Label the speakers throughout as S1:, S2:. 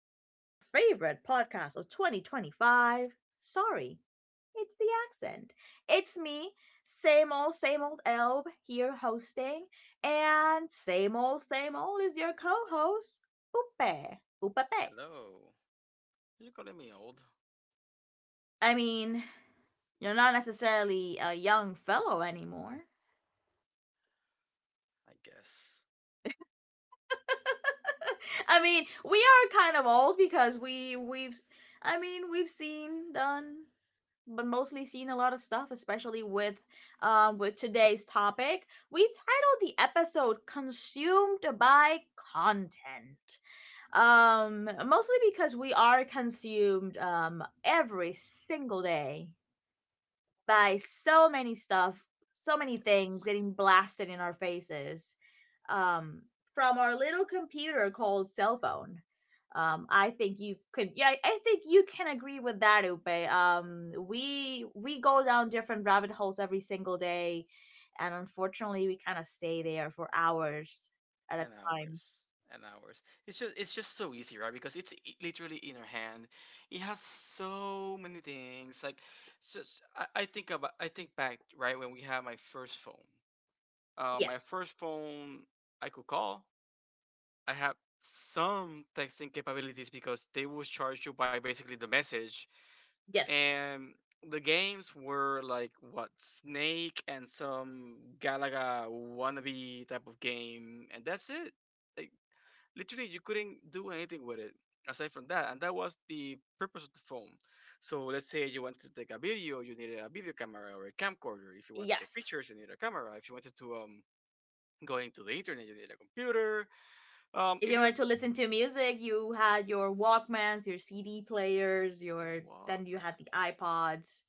S1: of your favorite podcast of 2025. Sorry, it's the accent. It's me, same old Elb here hosting, and same old is your co host, Upe. Upepe.
S2: Hello. You're calling me old,
S1: I mean, you're not necessarily a young fellow anymore.
S2: I guess.
S1: I mean, we are kind of old because we've I mean, we've seen done but mostly seen a lot of stuff, especially with with today's topic. We titled the episode Consumed by Content. Mostly because we are consumed every single day by so many stuff, so many things
S2: Yes.
S1: getting blasted in our faces um, from our little computer called cell phone. I think you could. Yeah, think you can agree with that, Upe. We go down different rabbit holes every single day, and unfortunately, we kind of stay there for hours at a
S2: And
S1: time.
S2: hours. And hours. It's just so easy, right? Because it's literally in our hand. It has so many things. Like it's just I think about I think back right when we had my first phone. My
S1: Yes,
S2: first phone I could call. I have some texting capabilities because they will charge you by basically the message,
S1: yes,
S2: and the games were like, what, Snake and some Galaga wannabe type of game, and that's it. Like literally, you couldn't do anything with it aside from that, and that was the purpose of the phone. So let's say you wanted to take a video, you needed a video camera or a camcorder. If you want to take
S1: yes.
S2: pictures, you need a camera. If you wanted to go into the internet, you need a computer.
S1: If
S2: If
S1: you
S2: you
S1: wanted
S2: want
S1: to listen to music, you had your Walkmans, your CD players,
S2: your
S1: your then you had the
S2: Walkmans.
S1: iPods.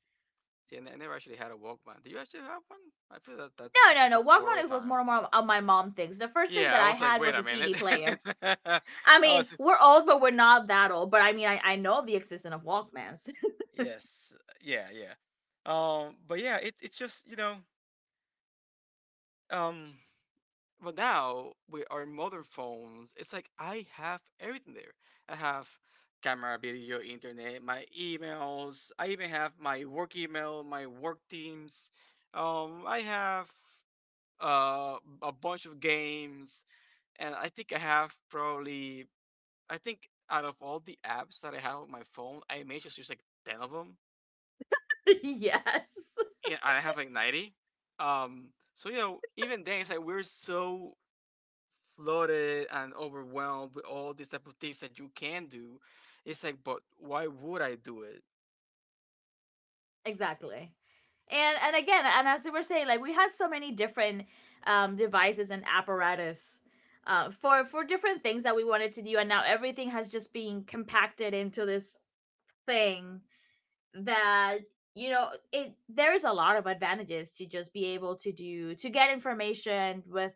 S2: See, I never actually had a Walkman. Do you actually have one? I feel that
S1: No,
S2: that's
S1: no, no.
S2: before our
S1: Walkman was
S2: time.
S1: more and more of my mom things. The first thing
S2: Yeah,
S1: that
S2: I
S1: I
S2: was like,
S1: had
S2: wait
S1: was a
S2: a
S1: CD
S2: minute.
S1: player.
S2: I
S1: I mean,
S2: was
S1: we're old, but we're not that old. But I mean, I know of the existence of Walkmans.
S2: Yes, yeah, yeah. But yeah, it's just, um, but now with our modern phones, it's like I have everything there. I have camera, video, internet, my emails. I even have my work email, my work teams. I have uh a bunch of games, and I think I have probably, I think, out of all the apps that I have on my phone, I may just use like 10 of them.
S1: Yes,
S2: Yeah, I have like 90. So, even then, it's like we're so flooded and overwhelmed with all these type of things that you can do. It's like, but why would I do it?
S1: exactly. And again, and as we were saying, like we had so many different devices and apparatus for different things that we wanted to do, and now everything has just been compacted into this thing that, you know, it there is a lot of advantages to just be able to do to get information with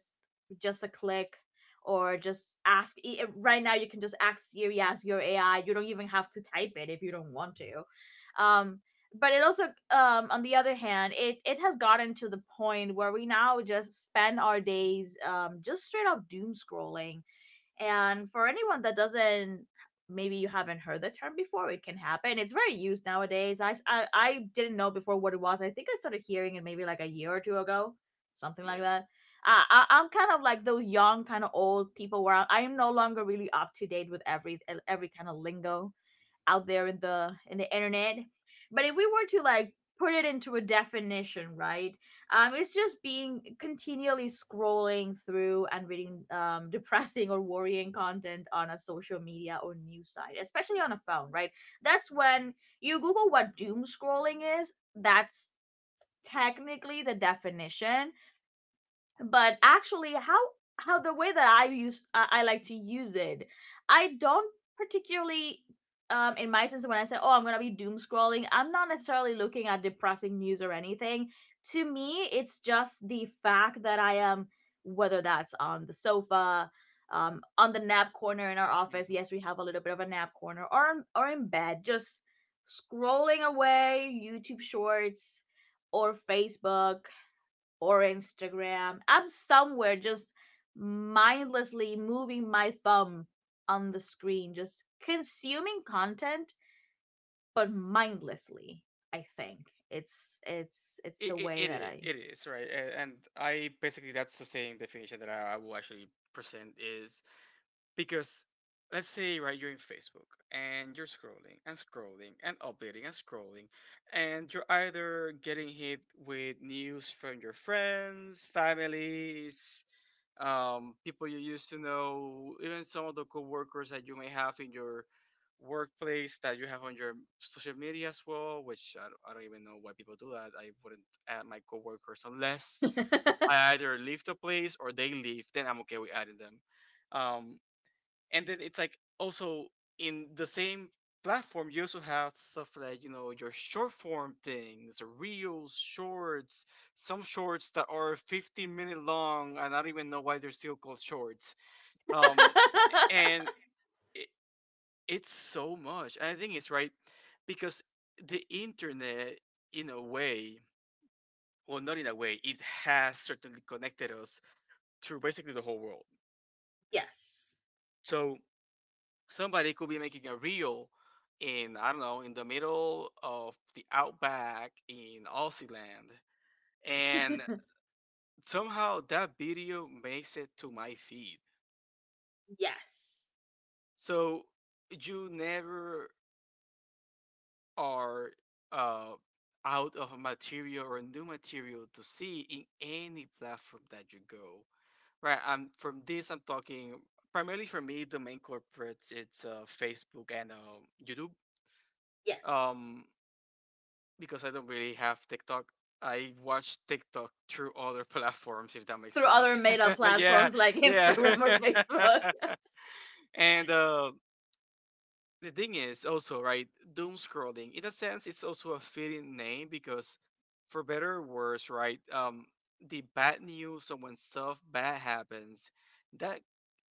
S1: just a click, or just right now you can just ask Siri, ask your AI. You don't even have to type it if you don't want to. Um but it also um on the other hand, it has gotten to the point where we now just spend our days just straight up doom scrolling. And for anyone that doesn't, maybe you haven't heard the term before, it can happen. It's very used nowadays. I didn't know before what it was. I think I started hearing it maybe like a year or two ago, something like
S2: Yeah.
S1: that. I'm kind of like those young, kind of old people where I am no longer really up to date with every kind of lingo out there in the internet. But if we were to like put it into a definition, right? It's just being continually scrolling through and reading depressing or worrying content on a social media or news site, especially on a phone, right? That's when you Google what doom scrolling is. That's technically the definition, but actually how the way that I like to use it, I don't particularly, in my sense, when I say, oh, I'm gonna be doom scrolling, I'm not necessarily looking at depressing news or anything. To me, it's just the fact that I am, whether that's on the sofa, on the nap corner in our office,
S2: Hmm.
S1: yes, we have a little bit of a nap corner, or in bed, just scrolling away YouTube shorts or Facebook or Instagram. I'm somewhere just mindlessly moving my thumb on the screen, just consuming content, but mindlessly. I think it's the
S2: It, it,
S1: way
S2: it,
S1: that
S2: i-
S1: I.
S2: it is, right? And I basically, that's the same definition that I will actually present is. Because, let's say, right, you're in Facebook and you're scrolling and scrolling and updating and scrolling, and you're either getting hit with news from your friends, families, people you used to know, even some of the coworkers that you may have in your workplace that you have on your social media as well, which I don't even know why people do that. I wouldn't add my coworkers unless I either leave the place or they leave, then I'm okay with adding them. Um, and then it's like also in the same platform you also have stuff like, you know, your short form things, reels, shorts, some shorts that are 15-minute long, and I don't even know why they're still called shorts. um and it, it's so much, and I think it's right, because the internet, in a way, well, not in a way, it has certainly connected us to basically the whole world,
S1: Yes,
S2: so somebody could be making a reel in, I don't know, in the middle of the outback in Aussie land, and somehow that video makes it to my feed.
S1: yes,
S2: So you never are uh, out of material or new material to see in any platform that you go. Right? I'm from this. I'm talking primarily for me. The main corporates, it's Facebook and YouTube.
S1: yes.
S2: Um, because I don't really have TikTok. I watch TikTok through other platforms, if that makes
S1: Through other
S2: sense.
S1: made up
S2: Yeah,
S1: platforms like
S2: yeah.
S1: Instagram or Facebook.
S2: And the thing is also, right, doom scrolling. In a sense, it's also a fitting name because, for better or worse, right, the bad news, or when stuff bad happens, that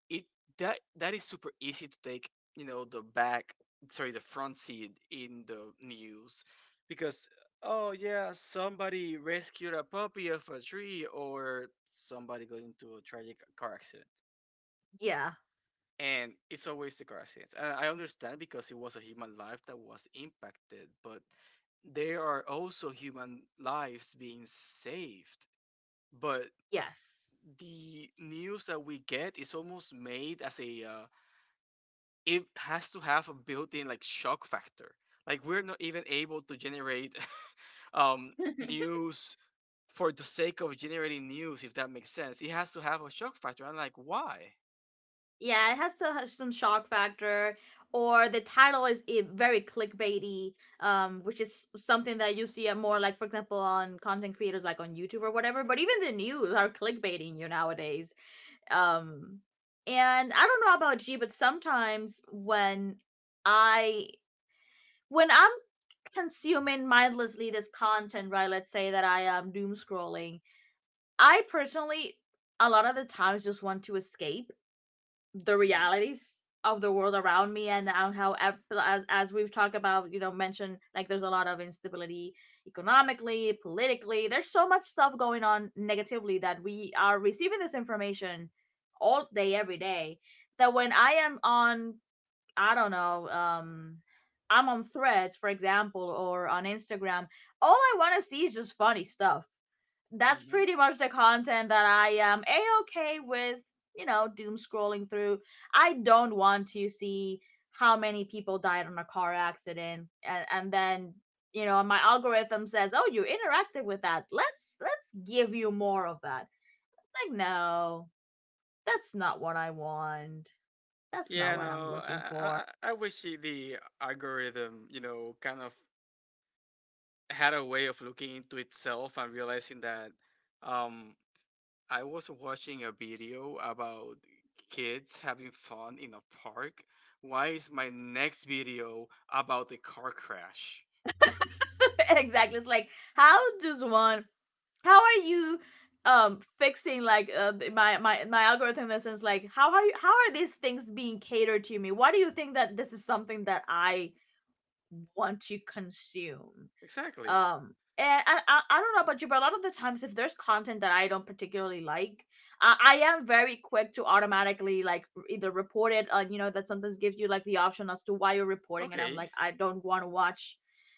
S2: it that that is super easy to take, you know, the back, sorry, the front seat in the news, because, oh yeah, somebody rescued a puppy off a tree, or somebody got into a tragic car accident.
S1: Yeah.
S2: And it's always the car accidents, and I understand, because it was a human life that was impacted, but there are also human lives being saved. But
S1: Yes.
S2: the news that we get is almost made as a it has to have a built-in, like, shock factor. Like, we're not even able to generate um, news for the sake of generating news, if that makes sense. It has to have a shock factor. I'm like, why?
S1: Yeah, it has to have some shock factor, or the title is very clickbaity, which is something that you see, more like, for example, on content creators like on YouTube or whatever. But even the news are clickbaiting you nowadays. Um, and I don't know about you, but sometimes when I I'm consuming mindlessly this content, right? Let's say that I am doom scrolling. I personally, a lot of the times, just want to escape the
S2: Mm-hmm.
S1: realities of the world around me, and on how, as we've talked about, you know, mentioned, like, there's a lot of instability economically, politically. There's so much stuff going on negatively that we are receiving this information all day every day, that when I am on, I don't know, um, I'm on Threads, for example, or on Instagram, all I want to see is just funny stuff. That's
S2: Mm-hmm.
S1: pretty much the content that I am a okay with, you know, doom scrolling through. I don't want to see how many people died on a car accident, and then, you know, my algorithm says, oh, you interacted with that, let's give you more of that. Like, no, that's not what I want. That's not
S2: Yeah,
S1: what I'm
S2: no,
S1: looking for.
S2: I wish the algorithm, you know, kind of had a way of looking into itself and realizing that, um, I was watching a video about kids having fun in a park. Why is my next video about the car crash?
S1: Exactly. It's like, how does one, how are you, um, fixing, like, my algorithm, in the sense, like, how are you, how are these things being catered to me? Why do you think that this is something that I want to consume?
S2: Exactly.
S1: Um, and I don't know about you, but a lot of the times, if there's content that I don't particularly like, I am very quick to automatically like either report it. You know, that sometimes gives you like the option as to why you're reporting, and I'm
S2: Okay.
S1: like, I don't want to watch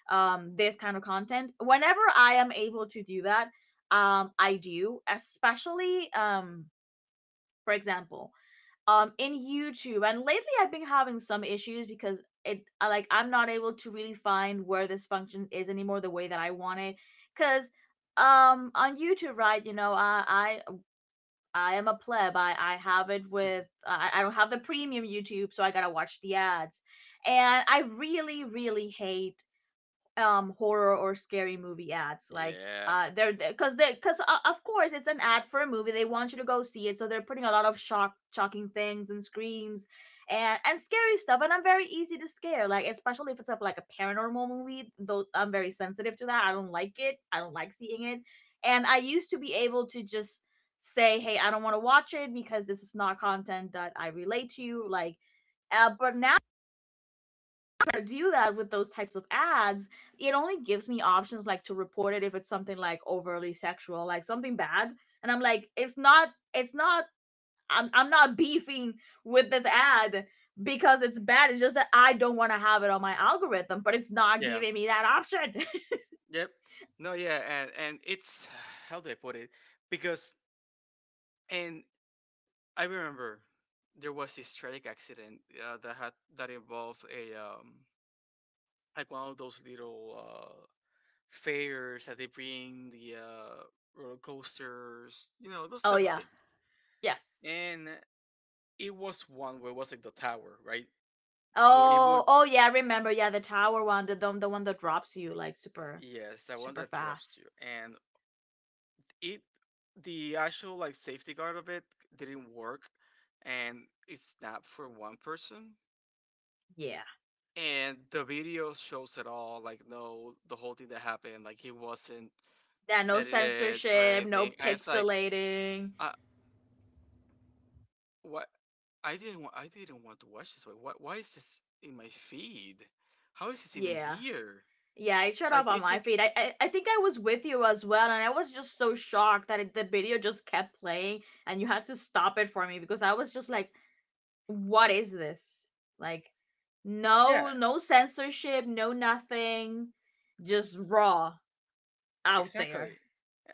S1: this kind of content. Whenever I am able to do that, I do, especially, for example, um, in YouTube. And lately I've been having some issues, because it like I'm not able to really find where this function is anymore the way that I want it, cuz, um, on YouTube, right, you know, I I am a pleb. I have it with I don't have the premium YouTube, so I got to watch the ads. And I really really hate horror or scary movie ads, like,
S2: Yeah.
S1: uh, they're because they because of course it's an ad for a movie, they want you to go see it, so they're putting a lot of shocking things and screams and scary stuff. And I'm very easy to scare, like, especially if it's like a paranormal movie, though. I'm very sensitive to that. I don't like it. I don't like seeing it. And I used to be able to just say, hey, I don't want to watch it, because this is not content that I relate to, like, but now I do that with those types of ads, it only gives me options like to report it if it's something like overly sexual, like something bad. And I'm like, it's not, I'm not beefing with this ad because it's bad. It's just that I don't want to have it on my algorithm, but it's not
S2: Yeah.
S1: giving me that option.
S2: Yep. No, yeah, and it's how do I put it? Because and I remember there was this tragic accident uh, that had that involved a like one of those little fairs that they bring, the roller coasters, you know, those
S1: Oh,
S2: type of
S1: yeah.
S2: things.
S1: Yeah.
S2: And it was one where it was like the tower, right? Well, it would,
S1: Oh, oh, yeah. Remember, yeah, the tower one, the one that drops you like super,
S2: yes, that one
S1: super
S2: that drops you.
S1: fast.
S2: And it, the actual like safety guard of it didn't work, and it's not for one person.
S1: Yeah.
S2: And the video shows it all. Like, no, the whole thing that happened, like it wasn't
S1: Yeah, no
S2: edited or
S1: censorship, no
S2: anything. And it's like,
S1: pixelating.
S2: I, what? I didn't want to watch this. Why? Why is this in my feed? How is this even
S1: Yeah.
S2: here?
S1: Yeah, it showed
S2: Like
S1: up on
S2: it's
S1: my
S2: like
S1: feed. I think I was with you as well, and I was just so shocked that the video just kept playing, and you had to stop it for me because I was just like, "What is this?" Like,
S2: Yeah,
S1: no, no censorship, no nothing, just raw out there.
S2: exactly.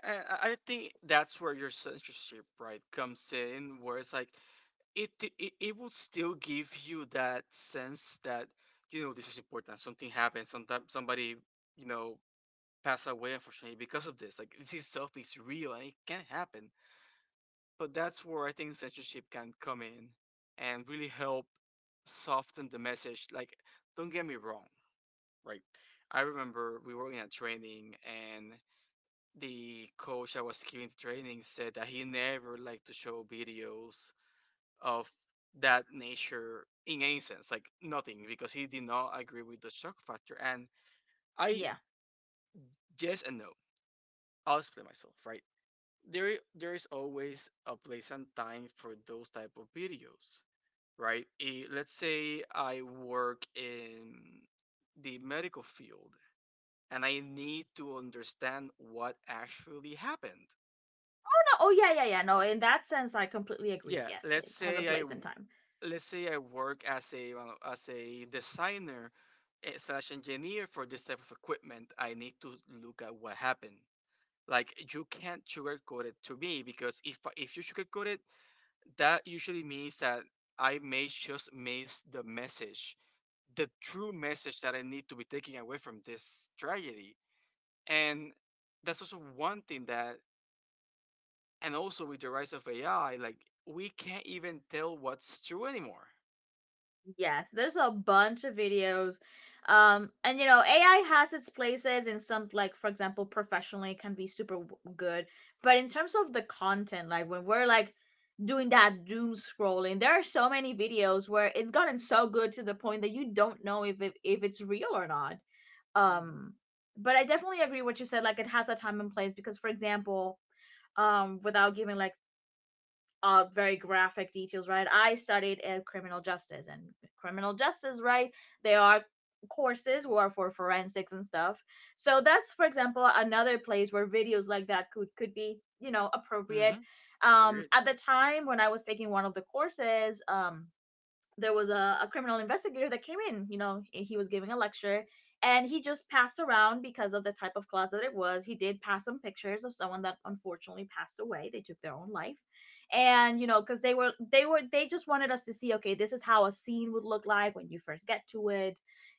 S2: And I think that's where your censorship, right, comes in, where it's like it it would still give you that sense that, you know, this is important. Something happened. Sometimes somebody, you know, passed away, unfortunately, because of this. Like, this itself is real, and it can happen. But that's where I think censorship can come in and really help soften the message. Like, don't get me wrong, right? I remember we were in a training, and the coach that was giving the training said that he never liked to show videos of that nature in any sense, like nothing, because he did not agree with the shock factor. And I
S1: Yeah.
S2: yes and no. I'll explain myself, right? There is always a place and time for those type of videos, right? Let's say I work in the medical field, and I need to understand what actually happened.
S1: No, oh yeah, yeah, yeah. No, in that sense, I completely agree.
S2: Yeah,
S1: Yes, it has a place in time.
S2: let's say I work as a designer slash engineer for this type of equipment. I need to look at what happened. Like, you can't sugarcoat it to me, because if you sugarcoat it, that usually means that I may just miss the message, the true message that I need to be taking away from this tragedy. And that's also one thing that, and also with the rise of AI, like, we can't even tell what's true anymore.
S1: Yes, there's a bunch of videos. And you know, AI has its places in some, like, for example, professionally, it can be super good. But in terms of the content, like, when we're like doing that doom scrolling, there are so many videos where it's gotten so good to the point that you don't know if if it's real or not.
S2: Mm-hmm.
S1: Um, but I definitely agree what you said, like, it has a time and place because, for example, without giving like, very graphic details, right? I studied, criminal justice, and criminal justice, right? There are courses who are for forensics and stuff. So that's, for example, another place where videos like that could be, you know, appropriate.
S2: Mm-hmm. You're right.
S1: At the time when I was taking one of the courses, there was a criminal investigator that came in. You know, he was giving a lecture, and he just passed around, because of the type of class that it was, he did pass some pictures of someone that unfortunately passed away. They took their own life. And you know, because they just wanted us to see, okay, this is how a scene would look like when you first get to it,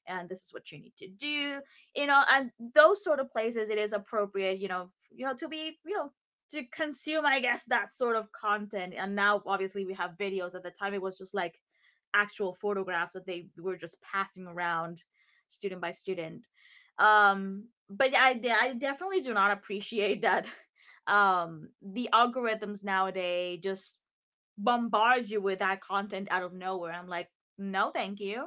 S1: and this is what you need to do. You know, and those sort of places it is appropriate, you know, to be, to consume, I guess, that sort of content. And now obviously we have videos. At the time it was just like actual photographs that they were just passing around, student by student. But I definitely do not appreciate that. The algorithms nowadays just bombard you with that content out of nowhere. I'm like, no thank you.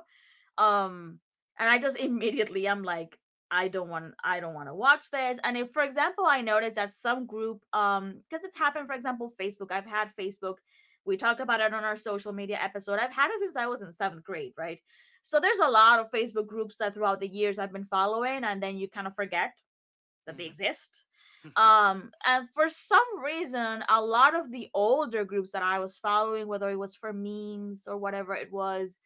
S1: um, and I just immediately I'm like, I don't want to watch this. And if, for example, I notice that some group, um, because it's happened, for example, Facebook. I've had Facebook. We talked about it on our social media episode. I've had it since I was in seventh grade, right? So there's a lot of Facebook groups that throughout the years I've been following, and then you kind of forget that they exist.
S2: Mm-hmm.
S1: And for some reason, a lot of the older groups that I was following, whether it was for memes or whatever it was,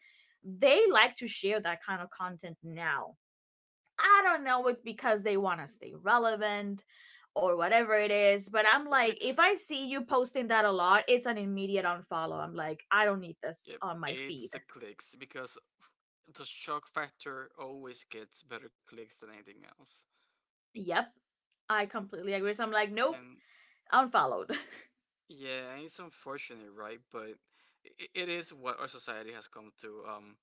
S1: they like to share that kind of content now. I don't know, it's because they want to stay relevant or whatever it is, but I'm
S2: The
S1: like, if
S2: clicks.
S1: I see you posting that a lot, it's an immediate unfollow. I'm like, I don't need this
S2: Yep,
S1: on my feed.
S2: it's the clicks, because the shock factor always gets better clicks than anything else.
S1: Yep, I completely agree. So I'm like, nope,
S2: And
S1: unfollowed.
S2: yeah, and it's unfortunate, right? But it is what our society has come to.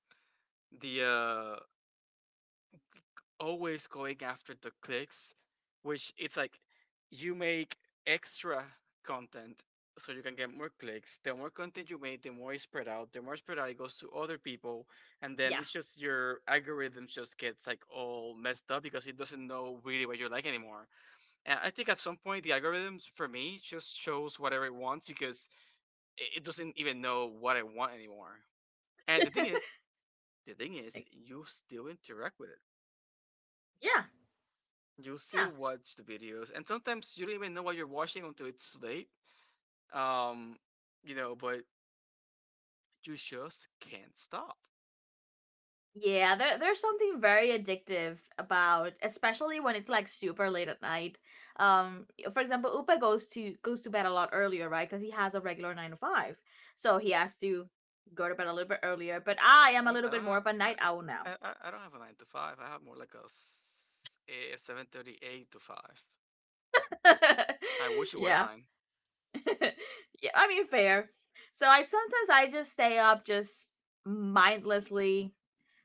S2: The uh, always going after the clicks, which it's like you make extra content so you can get more clicks. The more content you make, the more it's spread out. The more spread out, it goes to other people, and then
S1: Yeah,
S2: it's just your algorithm just gets like all messed up because it doesn't know really what you like anymore. And I think at some point the algorithms for me just shows whatever it wants, because it doesn't even know what I want anymore. And the thing is,
S1: like,
S2: you still interact with it.
S1: yeah,
S2: You still
S1: yeah.
S2: watch the videos, and sometimes you don't even know what you're watching until it's late. Um, you know, but you just can't stop,
S1: Yeah, there's something very addictive about, especially when it's like super late at night. Um, for example, Upa goes to bed a lot earlier, right? Because he has a regular 9 to 5, so he has to go to bed a little bit earlier. But I am a
S2: man.
S1: little bit more of a night owl now.
S2: I don't have a nine to five. I have more like a, a seven thirty eight to five.
S1: Yeah,
S2: I wish it was
S1: yeah.
S2: nine.
S1: I mean, fair. So I sometimes I just stay up just mindlessly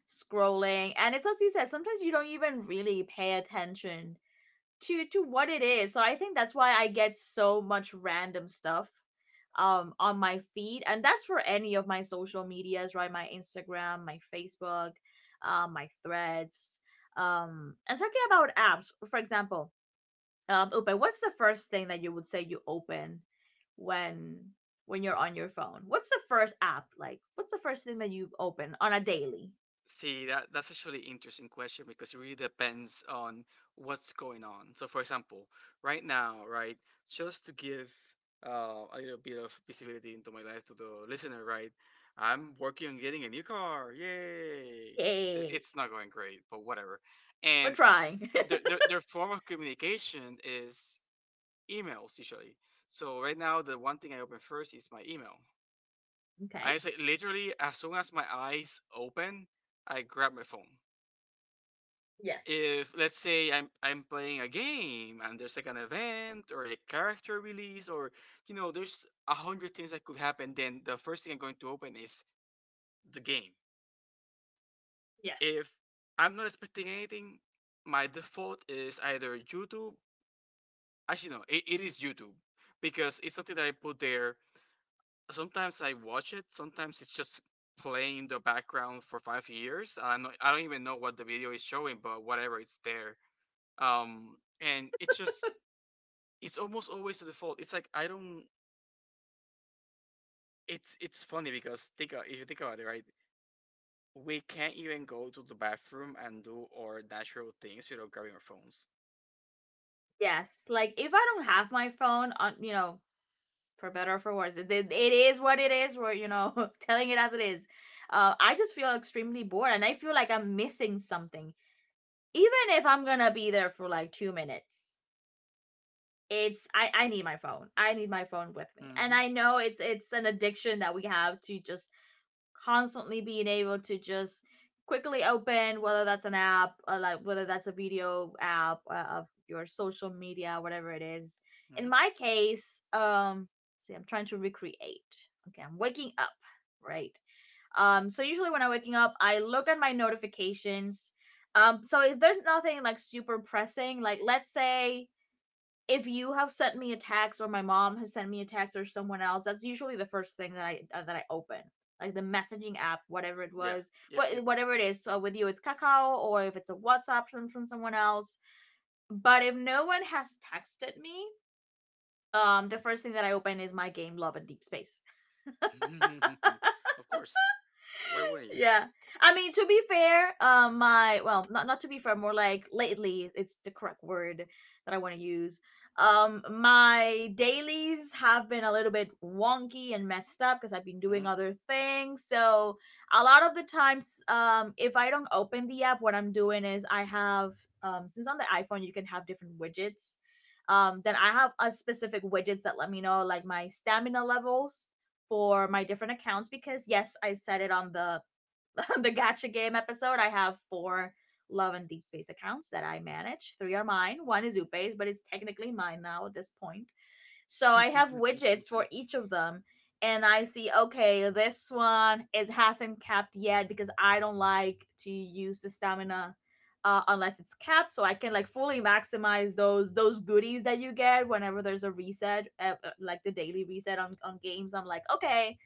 S1: scrolling, and it's as you said, sometimes you don't even really pay attention to what it is. So I think that's why I get so much random stuff, um, on my feed, and that's for any of my social medias, right? My Instagram, my Facebook, my Threads. And talking about apps, for example, um, Upe, what's the first thing that you would say you open when you're on your phone? What's the first app like? What's the first thing that you open on a daily?
S2: See, that's actually interesting question, because it really depends on what's going on. So, for example, right now, right, just to give a little bit of visibility into my life to the listener, right, I'm working on getting a new car. Yay!
S1: Yay.
S2: It's not going great, but whatever.
S1: We're
S2: And
S1: trying.
S2: their form of communication is emails, usually. So right now, the one thing I open first is my email.
S1: Okay.
S2: I say, literally, as soon as my eyes open, I grab my phone.
S1: Yes.
S2: If, let's say, I'm playing a game and there's like an event or a character release, or, you know, there's a hundred things that could happen, then the first thing I'm going to open is the game. If
S1: Yes.
S2: I'm not expecting anything, my default is either YouTube. Actually, no, it is YouTube, because it's something that I put there. Sometimes I watch it. Sometimes it's just playing in the background for 5 years. I don't even know what the video is showing, but whatever, it's there. And it's almost always the default. It's like I don't. It's funny because if you think about it, right? We can't even go to the bathroom and do our natural things without grabbing our phones.
S1: Yes, like if I don't have my phone on, you know, for better or for worse, it is what it is. We're, you know, telling it as it is. I just feel extremely bored, and I feel like I'm missing something. Even if I'm gonna be there for like 2 minutes, it's I need my phone. I need my phone with me, and
S2: Mm-hmm.
S1: I know it's an addiction that we have, to just constantly being able to just quickly open, whether that's an app, or like whether that's a video app, of your social media, whatever it is. In
S2: Mm-hmm.
S1: my case, um, see, I'm trying to recreate. Okay, I'm waking up, right? Um, so usually when I'm waking up I look at my notifications. Um, so if there's nothing like super pressing, like let's say if you have sent me a text, or my mom has sent me a text, or someone else, that's usually the first thing that I, that I open, like the messaging app, whatever it
S2: Yeah.
S1: was,
S2: Yep. Yep.
S1: whatever it is. So with you, it's Kakao, or if it's a WhatsApp from someone else. But if no one has texted me, the first thing that I open is my game, Love and Deep Space.
S2: Of course. Why wouldn't you?
S1: Yeah. I mean, to be fair, my, well, not to be fair, more like lately, it's the correct word that I want to use. My dailies have been a little bit wonky and messed up because I've been
S2: Hmm?
S1: doing other things. So a lot of the times, if I don't open the app, what I'm doing is I have, since on the iPhone you can have different widgets. Then I have a specific widgets that let me know like my stamina levels for my different accounts, because yes, I set it on the the gacha game episode, I have four Love and Deep Space accounts that I manage. Three are mine, one is Upe's, but it's technically mine now at this point. So I have widgets for each of them. And I see, okay, this one it hasn't capped yet because I don't like to use the stamina, unless it's capped, so I can like fully maximize those goodies that you get whenever there's a reset, like the daily reset on games. I'm like, okay,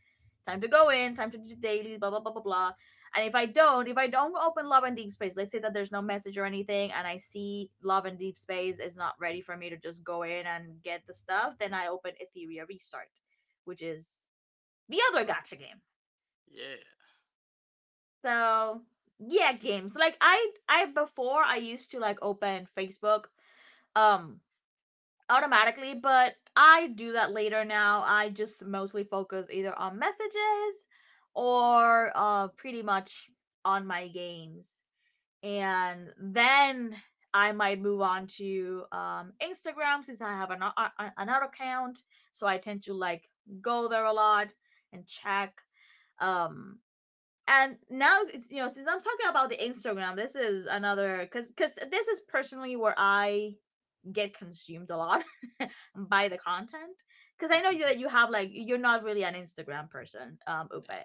S1: time to go in, time to do daily, blah blah blah blah blah. And if I don't open Love and Deep Space, let's say that there's no message or anything, and I see Love and Deep Space is not ready for me to just go in and get the stuff, then I open Etheria Restart, which is the other
S2: Like,
S1: gacha game.
S2: yeah.
S1: So yeah, games. Like I before I used to like open Facebook, um, automatically, but I do that later now. I just mostly focus either on messages or, pretty much on my games. And then I might move on to, Instagram, since I have an, another account. So I tend to like go there a lot and check. Um, and now it's, you know, since I'm talking about the Instagram, this is another, because this is personally where I get consumed a lot by the content, because I know you that you have like, you're not really an Instagram person, um, Upe.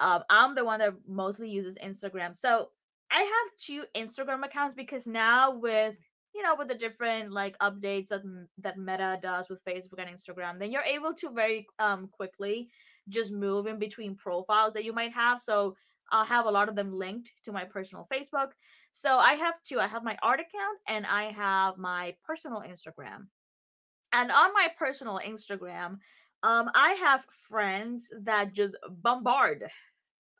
S1: Um, I'm the one that mostly uses Instagram. So I have two Instagram accounts, because now with, you know, with the different like updates that Meta does with Facebook and Instagram, then you're able to very, um, quickly just move in between profiles that you might have. So I'll have a lot of them linked to my personal Facebook. So I have two. I have my art account and I have my personal Instagram. And on my personal Instagram, I have friends that just bombard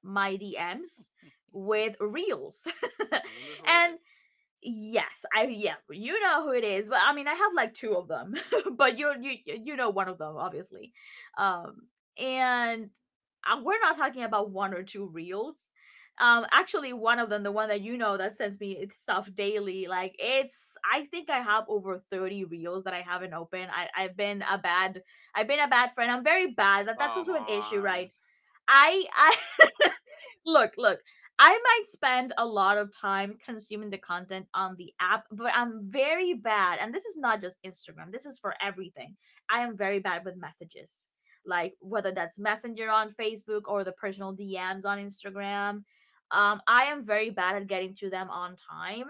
S1: my DMs
S2: Nah.
S1: with reels.
S2: I wonder who it
S1: And
S2: is.
S1: yes, I yeah, you know who it is. But I mean, I have like two of them, but you know one of them obviously. Um and we're not talking about one or two reels. Um, actually one of them, the one that you know, that sends me stuff daily, like it's, I think I have over 30 reels that I haven't opened. I've been a bad, I've been a bad friend. I'm very bad. That that's
S2: Come
S1: also an issue,
S2: on.
S1: right? I look, look. I might spend a lot of time consuming the content on the app, but I'm very bad. And this is not just Instagram, this is for everything. I am very bad with messages, like whether that's Messenger on Facebook or the personal DMs on Instagram. I am very bad at getting to them on time.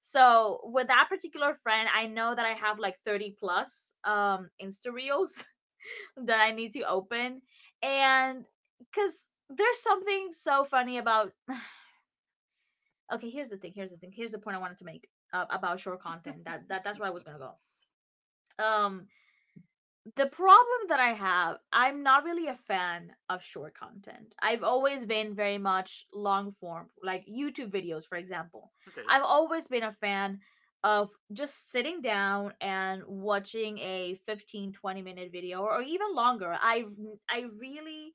S1: So with that particular friend, I know that I have like 30 plus, um, Insta reels that I need to open. And Because there's something so funny about. Okay, here's the thing. Here's the thing. Here's the point I wanted to make, about short content. That's where I was gonna go. Um, the problem that I have, I'm not really a fan of short content. I've always been very much long form, like YouTube videos, for example.
S2: Okay.
S1: I've always been a fan of just sitting down and watching a 15 to 20 minute video, or even longer. I've, I really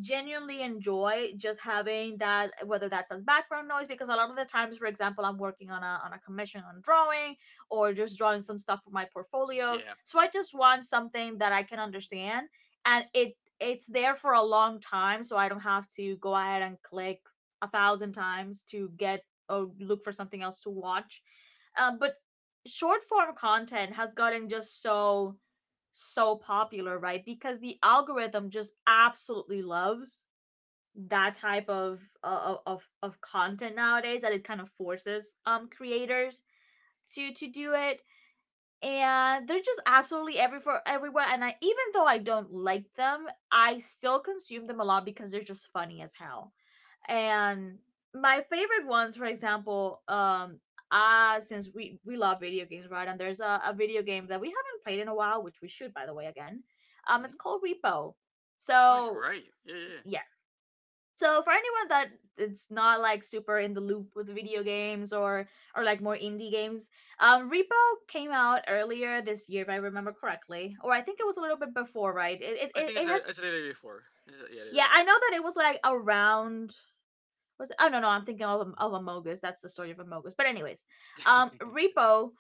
S1: genuinely enjoy just having that, whether that's as background noise, because a lot of the times, for example, I'm working on a commission on drawing, or just drawing some stuff for my portfolio,
S2: Yeah.
S1: so I just want something that I can understand, and it's there for a long time, so I don't have to go ahead and click 1,000 times to get, or look for something else to watch. Um, but short form content has gotten just so popular, right? Because the algorithm just absolutely loves that type of, of content nowadays, that it kind of forces, um, creators to do it. And they're just absolutely every for everywhere, and I, even though I don't like them, I still consume them a lot because they're just funny as hell. And my favorite ones, for example, um, uh, since we love video games, right? And there's a video game that we haven't played in a while, which we should, by the way, again. Um,
S2: Hmm?
S1: it's called Repo.
S2: Oh, you're
S1: So
S2: right. Yeah, yeah, yeah.
S1: yeah. So for anyone that it's not like super in the loop with video games or like more indie games, Repo came out earlier this year, if I remember correctly, or I think it was a little bit before, right? It it,
S2: I
S1: it,
S2: think
S1: it has
S2: I said it before. Yeah, I did
S1: yeah, I know
S2: it
S1: that it was like around was it? Oh no, I'm thinking of Amogus. That's the story of Amogus. But anyways,
S2: before.
S1: Repo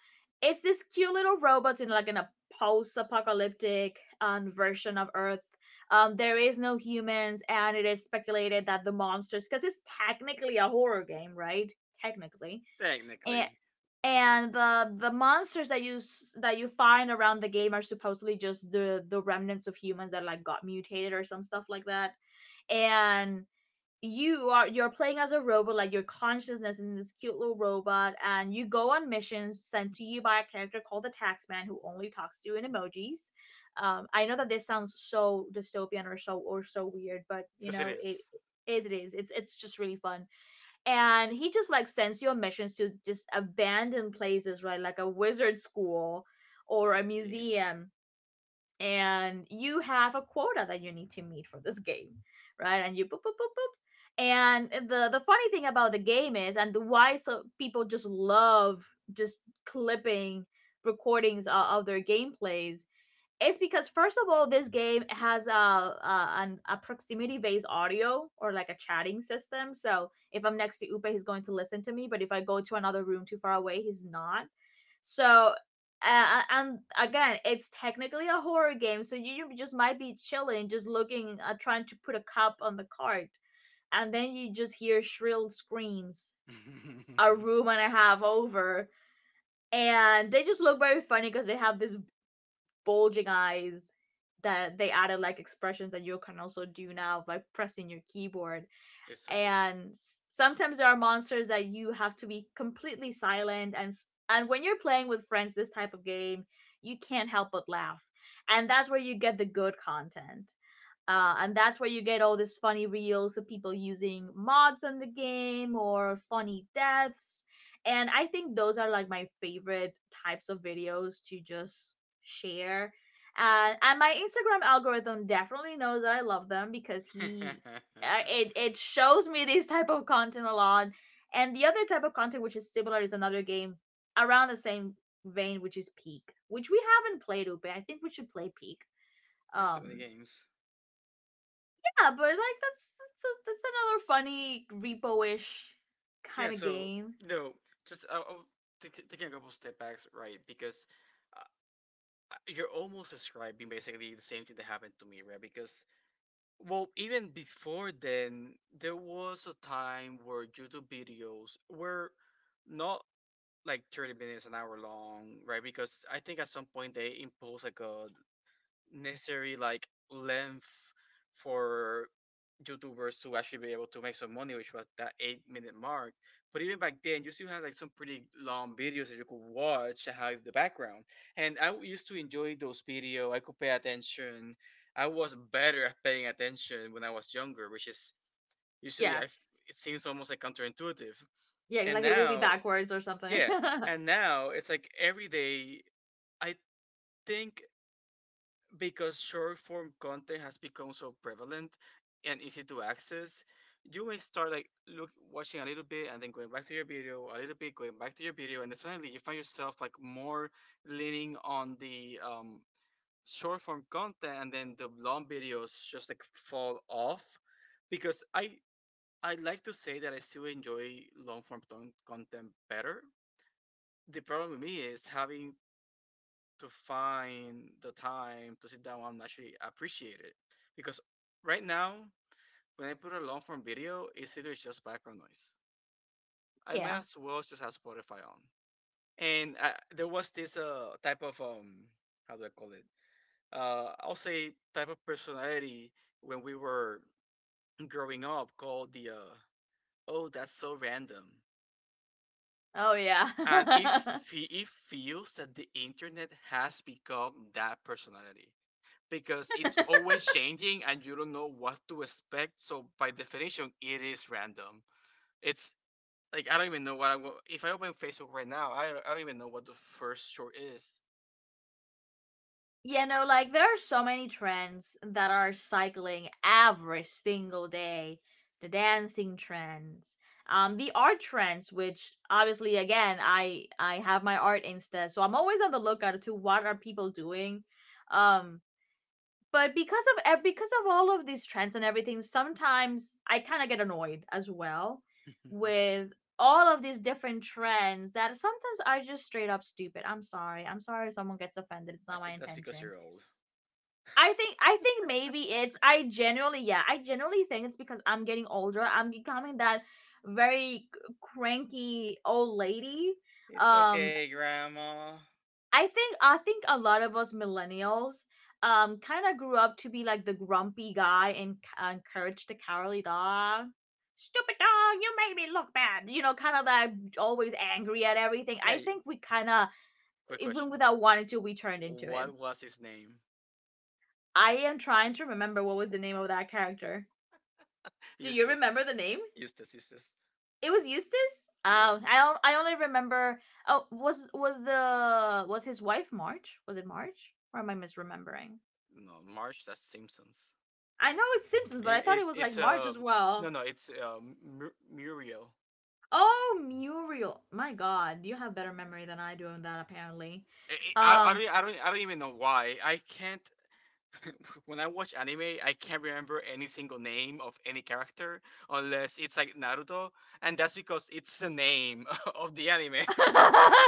S1: is this cute little robot in like an a post-apocalyptic version of Earth. There is no humans, and it is speculated that the monsters, because it's technically a horror game, right? Technically, and
S2: Technically,
S1: and the monsters that you find around the game are supposedly just the remnants of humans that like got mutated or some stuff like that, and you're playing as a robot, like your consciousness is in this cute little robot, and you go on missions sent to you by a character called the taxman who only talks to you in emojis. I know that this sounds so dystopian or so weird, but you
S2: because it
S1: know it
S2: is.
S1: is it is it's just really fun. And he just like sends you on missions to just abandoned places, right? Like a wizard school or
S2: You
S1: a
S2: see him.
S1: museum. And you have a quota that you need to meet for this game, right? And you boop boop boop boop. And the funny thing about the game is, and why so people just love just clipping recordings of their gameplays, it's because first of all, this game has a proximity based audio or like a chatting system. So if I'm next to Upe, he's going to listen to me. But if I go to another room too far away, he's not. So and again, it's technically a horror game, so you just might be chilling, just looking, trying to put a cup on the cart, and then you just hear shrill screams a room and a half over, and they just look very funny because they have this bulging eyes that they added, like expressions that you can also do now by pressing your keyboard.
S2: It's so good.
S1: And sometimes there are monsters that you have to be completely silent, and when you're playing with friends this type of game, you can't help but laugh. And that's where you get the good content. And that's where you get all these funny reels of people using mods on the game or funny deaths. And I think those are like my favorite types of videos to just share. And my Instagram algorithm definitely knows that I love them because he it it shows me this type of content a lot. And the other type of content which is similar is another game around the same vein, which is Peak, which we haven't played. Upe, I think we should play Peak.
S2: We have to win the
S1: Um,
S2: games.
S1: yeah, but like that's another funny repo-ish
S2: Yeah.
S1: kind of
S2: So
S1: game.
S2: no, just taking a couple step backs, right? Because uh, you're almost describing basically the same thing that happened to me, right? Because, well, even before then, there was a time where YouTube videos were not like 30 minutes an hour long, right? Because I think at some point they imposed like a necessary like length for YouTubers to actually be able to make some money, which was that 8-minute mark. But even back then, you still had like some pretty long videos that you could watch and have the background. And I used to enjoy those videos. I could pay attention. I was better at paying attention when I was younger, which is usually I.
S1: Yes.
S2: It seems almost like counterintuitive.
S1: Yeah,
S2: And
S1: like it will be
S2: now,
S1: backwards or something.
S2: yeah, and now it's like every day. I think because short form content has become so prevalent and easy to access, you may start like look watching a little bit and then going back to your video, a little bit going back to your video, and then suddenly you find yourself like more leaning on the short form content, and then the long videos just like fall off. Because I like to say that I still enjoy long form content better. The problem with me is having to find the time to sit down and actually appreciate it. Because right now, when I put a long form video, it's either just background noise. I may
S1: Yeah.
S2: as well just have Spotify on. And there was this type of, how do I call it? I'll say type of personality when we were growing up called the, oh, that's so random.
S1: Oh yeah.
S2: And it feels that the internet has become that personality. Because it's always changing and you don't know what to expect. So by definition, it is random. It's like I don't even know what if I open Facebook right now, I don't even know what the first short is.
S1: Yeah, no, like there are so many trends that are cycling every single day. The dancing trends, the art trends, which obviously again I have my art insta, so I'm always on the lookout to what are people doing. Um but because of all of these trends and everything, sometimes I kind of get annoyed as well with all of these different trends that sometimes are just straight up stupid. I'm sorry, if someone gets offended, it's
S2: I
S1: not my
S2: think that's because
S1: intention.
S2: you're old.
S1: I think maybe it's I generally, yeah, I generally think it's because I'm getting older. I'm becoming that very cranky old lady.
S2: It's
S1: um
S2: okay, grandma.
S1: I think a lot of us millennials kind of grew up to be like the grumpy guy, and encourage the cowardly dog. Stupid dog, you made me look bad. You know, kind of like always angry at everything.
S2: Yeah.
S1: I think we kind of,
S2: Quick
S1: even
S2: question.
S1: without wanting to, we turned into
S2: What
S1: him.
S2: was his name?
S1: I am trying to remember what was the name of that character. Do you
S2: Eustace.
S1: remember the name?
S2: Eustace. Eustace.
S1: It was Eustace.
S2: Yes.
S1: I don't. I only remember. Oh, was his wife March? Was it March? Or am I misremembering?
S2: No, March. That's Simpsons.
S1: I know it's Simpsons, but I
S2: It,
S1: thought it
S2: it
S1: was like
S2: it's
S1: March as
S2: um no,
S1: well.
S2: no, Muriel.
S1: Oh, Muriel. My god, you have better memory than I do on that apparently.
S2: I,
S1: Um.
S2: I don't even know why. I can't When I watch anime, I can't remember any single name of any character unless it's like Naruto, and that's because it's the name of the anime.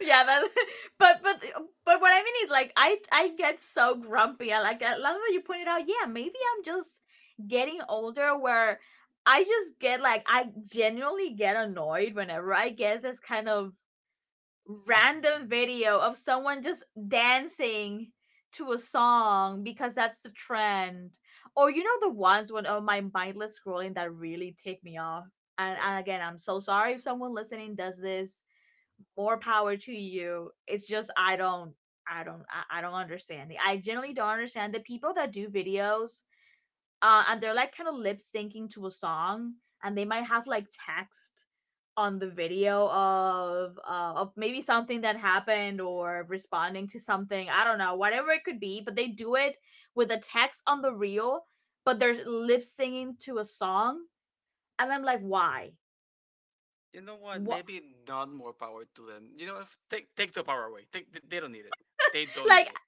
S1: Yeah, but but what I mean is like I get so grumpy. I like a lot of that you pointed out, yeah, maybe I'm just getting older where I just get like I genuinely get annoyed whenever I get this kind of random video of someone just dancing to a song because that's the trend. Or you know the ones when, oh my, mindless scrolling that really tick me off.
S2: But
S1: And again, I'm so sorry if someone listening does this. More power to you. It's just I don't, I don't understand. I generally don't understand the people that do videos and they're like kind of lip syncing to a song, and they might have like text on the video of maybe something that happened or responding to something, I don't know, whatever it could be, but they do it with a text on the reel, but they're lip singing to a song, and I'm like, why?
S2: you know what?
S1: What?
S2: Maybe not more power to them. You know, if, take the power away. They don't need it. They don't
S1: Like,
S2: need it.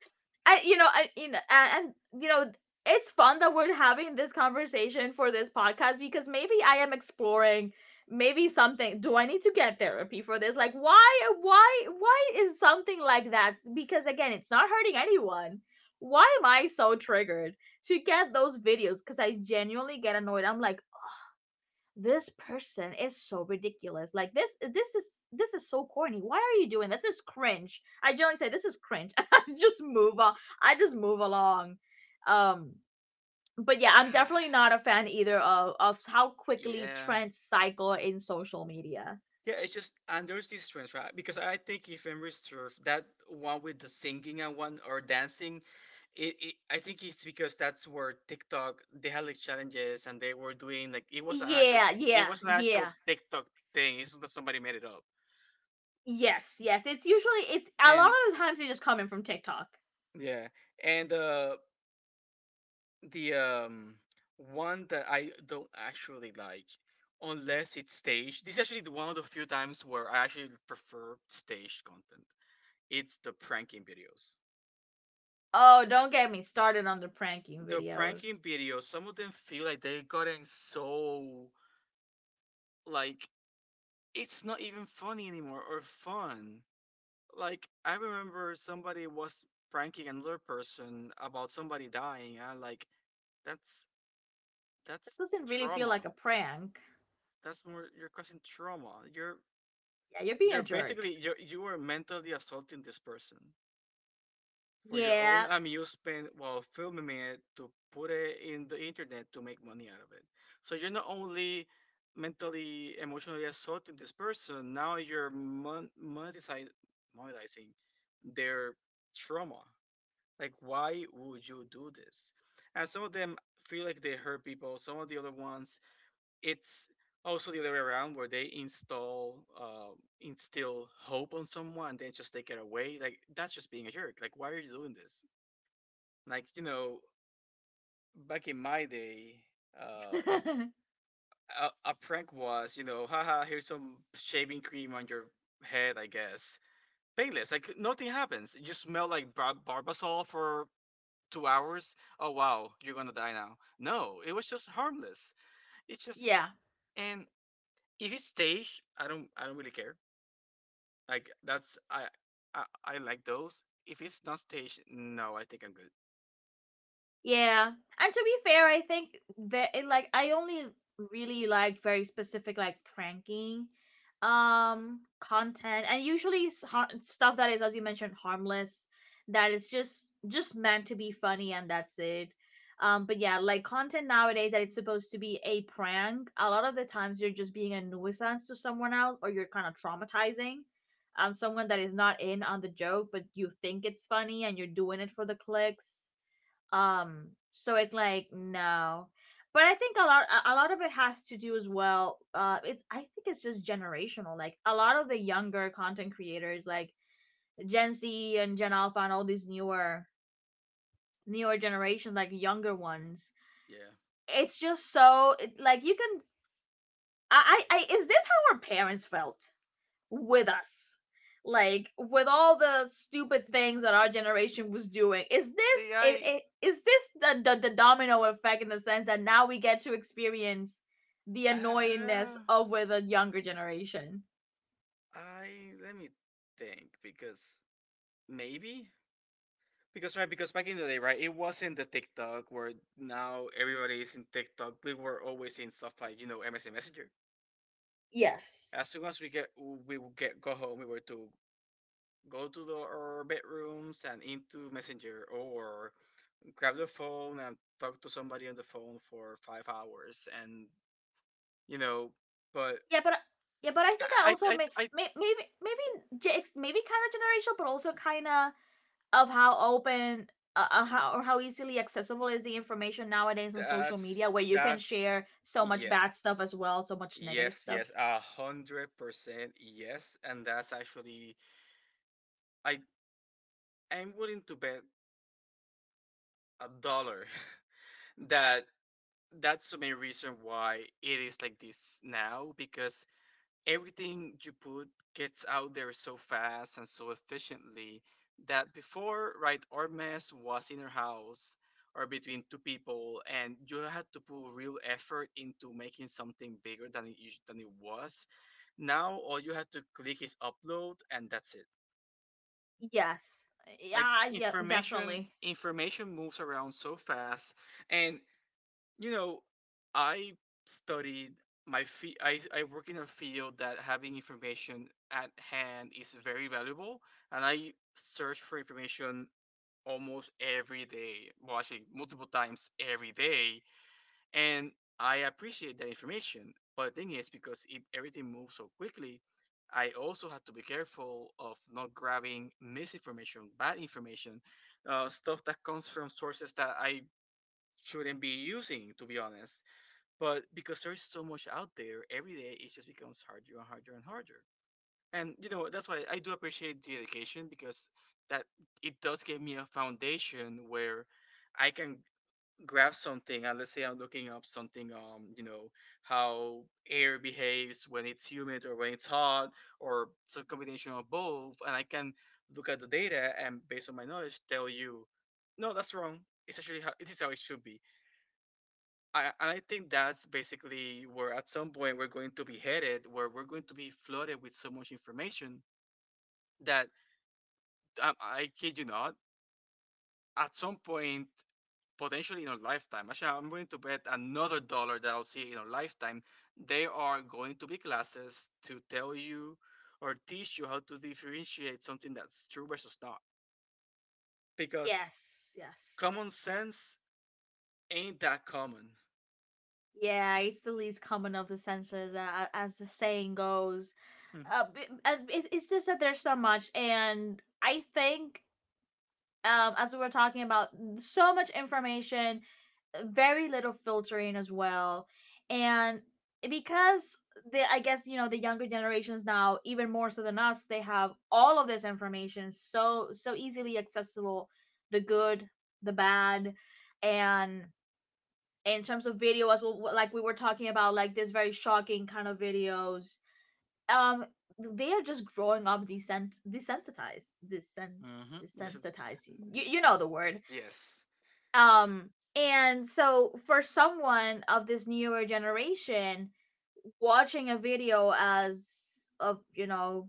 S1: I you know, I you know, and you know, it's fun that we're having this conversation for this podcast because maybe I am exploring, maybe something, do I need to get therapy for this? Like, why is something like that? Because again, it's not hurting anyone. Why am I so triggered to get those videos? Because I genuinely get annoyed. I'm like, this person is so ridiculous. Like, this is so corny. Why are you doing that? This is cringe. I generally say this is cringe. I just move on. I just move along. Um but yeah, I'm definitely not a fan either of how quickly
S2: Yeah.
S1: trends cycle in social media.
S2: Yeah, it's just, and there's this difference, right? Because I think if I'm reserved, that one with the singing and one or dancing, it I think it's because that's where TikTok they had like challenges and they were doing like
S1: Yeah,
S2: it was an actual TikTok thing. It's not that somebody made it up.
S1: Yes, yes. It's usually, it's a lot
S2: And
S1: of the times they just come in from TikTok.
S2: yeah, and the one that I don't actually like unless it's staged. This is actually the one of the few times where I actually prefer staged content. It's the pranking videos.
S1: Oh, don't get me started on the pranking
S2: the pranking
S1: videos.
S2: videos, some of them feel like they've gotten so like it's not even funny anymore or fun. Like I remember somebody was pranking another person about somebody dying, and I'm like that's
S1: It
S2: that's
S1: doesn't really feel like
S2: trauma.
S1: a prank.
S2: That's more you're causing trauma. You're
S1: Yeah, you're being a
S2: you're
S1: jerk.
S2: basically you are mentally assaulting this person. For your own
S1: Yeah,
S2: amusement while filming it to put it in the internet to make money out of it. So you're not only mentally, emotionally assaulting this person, now you're monetizing, monetizing their trauma. Like, why would you do this? And some of them feel like they hurt people. Some of the other ones, it's also the other way around where they install instill hope on someone and then just take it away, like that's just being a jerk. Like, why are you doing this? Like, you know, back in my day, uh, a prank was, you know, haha, here's some shaving cream on your head, I guess. Painless, like nothing happens. You smell like barbasol for 2 hours. Oh wow, you're gonna die now. No, it was just harmless. It's just,
S1: yeah.
S2: and if it's staged, I don't, really care. Like that's I like those. If it's not staged, no, I think I'm good.
S1: Yeah. And to be fair, I think that it, like I only really like very specific like pranking content, and usually stuff that is, as you mentioned, harmless, that is just meant to be funny, and that's it. But yeah, like content nowadays that is supposed to be a prank, a lot of the times you're just being a nuisance to someone else or you're kind of traumatizing someone that is not in on the joke, but you think it's funny and you're doing it for the clicks. So it's like, no, but I think a lot of it has to do as well. It's, I think it's just generational. Like a lot of the younger content creators, like Gen Z and Gen Alpha, and all these newer generations, like younger ones.
S2: Yeah.
S1: It's just so it, like you can. I is this how our parents felt? With us, like with all the stupid things that our generation was doing,
S2: See, I.
S1: is this the, the domino effect in the sense that now we get to experience the annoyingness
S2: Uh,
S1: of with a younger generation?
S2: let me think, because maybe, because, right, because back in the day, right, it wasn't the TikTok where now everybody is in TikTok. We were always in stuff like, MSN Messenger.
S1: Yes.
S2: As soon as we get we would get go home, we were to go to our bedrooms and into Messenger or grab the phone and talk to somebody on the phone for 5 hours, and, you know. But
S1: Yeah, but yeah, but I think I also
S2: I
S1: maybe, maybe kind of generational, but also kind of how open, how, or how easily accessible is the information nowadays on social
S2: that's
S1: media, where you can
S2: that's
S1: share so much bad stuff
S2: yes.
S1: as well, so much negative
S2: Yes,
S1: stuff.
S2: yes, 100%, yes, and that's actually, I I'm willing to bet a dollar that that's the main reason why it is like this now, because everything you put gets out there so fast and so efficiently that before, right, our mess was in our house or between two people, and you had to put real effort into making something bigger than than it was. Now, all you have to click is upload, and that's it.
S1: Yes.
S2: Like,
S1: Yeah, yeah, definitely.
S2: information moves around so fast, and you know, I studied my fee- I work in a field that having information at hand is very valuable, and I search for information almost every day. Well, actually, multiple times every day, and I appreciate that information. But the thing is, because if everything moves so quickly, I also have to be careful of not grabbing misinformation, bad information, stuff that comes from sources that I shouldn't be using, to be honest, but because there is so much out there, every day it just becomes harder and harder and harder. And you know that's why I do appreciate the education, because that it does give me a foundation where I can grab something. And let's say I'm looking up something, you know, how air behaves when it's humid or when it's hot, or some combination of both, and I can look at the data and based on my knowledge tell you, no, that's wrong. It's actually how it is how it should be. I think that's basically where at some point we're going to be headed, where we're going to be flooded with so much information that, I kid you not, at some point, potentially in our lifetime, actually, I'm willing to bet another dollar that I'll see in our lifetime, there are going to be classes to tell you or teach you how to differentiate something that's true versus not. Because
S1: Yes, yes.
S2: common sense ain't that common.
S1: Yeah, it's the least common of the senses, as the saying goes.
S2: Mm-hmm.
S1: And it's just that there's so much, and I think, as we were talking about, so much information, very little filtering as well. And because the, I guess you know the younger generations now, even more so than us, they have all of this information so so easily accessible, the good, the bad, and in terms of video as well, like we were talking about, like this very shocking kind of videos. Um, they are just growing up descent desensitized,
S2: Mm-hmm.
S1: desensitized. You know the word
S2: Desensitized. Yes.
S1: um, and so for someone of this newer generation, watching a video as of, you know,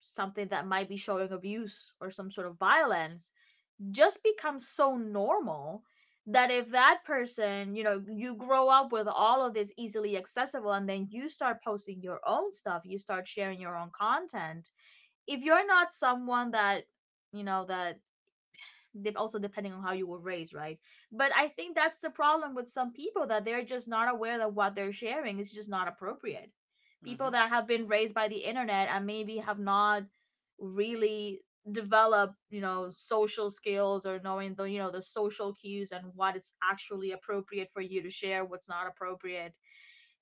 S1: something that might be showing abuse or some sort of violence just becomes so normal that if that person, you know, you grow up with all of this easily accessible, and then you start posting your own stuff, you start sharing your own content. If you're not someone that, you know, that also, depending on how you were raised, right? But I think that's the problem with some people, that they're just not aware that what they're sharing is just not appropriate. People
S2: Mm-hmm.
S1: that have been raised by the internet and maybe have not really developed, you know, social skills, or knowing the, you know, the social cues and what is actually appropriate for you to share, what's not appropriate,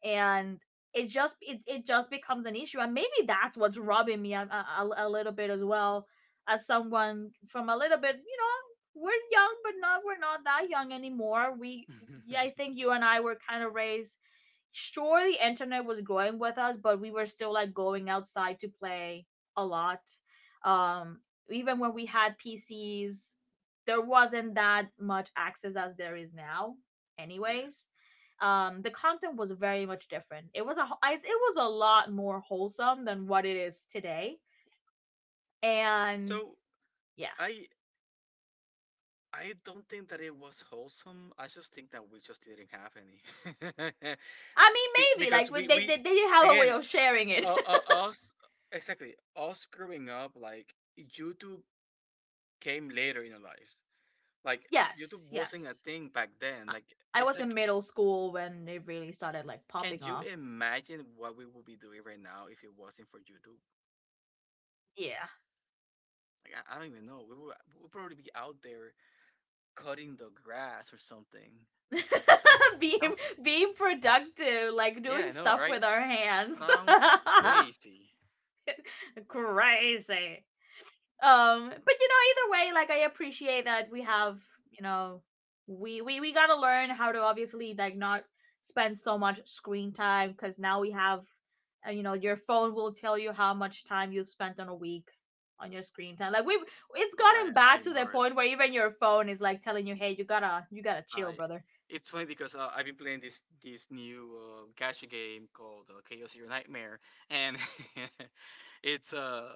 S1: and it just it just becomes an issue. And maybe that's what's rubbing me a little bit as well, as someone from a little bit, you know, we're young, but not, we're not that young anymore. We Yeah, I think you and I were kind of raised, sure the internet was growing with us, but we were still like going outside to play a lot. um Even when we had pcs, there wasn't that much access as there is now,
S2: Yeah.
S1: anyways. The content was very much different. It was a it was a lot more wholesome than what it is today. And
S2: So
S1: yeah,
S2: I I don't think that it was wholesome. I just think that we just didn't have any.
S1: I mean, maybe
S2: Because
S1: like
S2: we we
S1: they have a way
S2: again,
S1: of sharing it.
S2: us exactly us growing up, like YouTube came later in our lives. Like, YouTube
S1: yes,
S2: wasn't a
S1: yes.
S2: thing back then.
S1: I,
S2: Like,
S1: I
S2: it's
S1: was in
S2: like,
S1: middle school when it really started like
S2: can
S1: popping
S2: you
S1: off.
S2: imagine what we would be doing right now if it wasn't for YouTube?
S1: Yeah.
S2: Like, I don't even know. We would probably be out there cutting the grass or something. Sounds
S1: being
S2: sounds
S1: Being productive, like
S2: Yeah,
S1: doing
S2: I know,
S1: stuff
S2: right?
S1: with our hands.
S2: Sounds crazy.
S1: crazy. But you know, either way, like I appreciate that we have, you know, we we gotta learn how to obviously like not spend so much screen time, because now we have, you know, your phone will tell you how much time you've spent on a week on your screen time like we've It's
S2: I
S1: gotten
S2: I
S1: bad to the
S2: ignore it.
S1: point where even your phone is like telling you, hey, you gotta, you gotta chill,
S2: I
S1: brother.
S2: it's funny because, I've been playing this new gacha game called Chaos Your Nightmare, and it's uh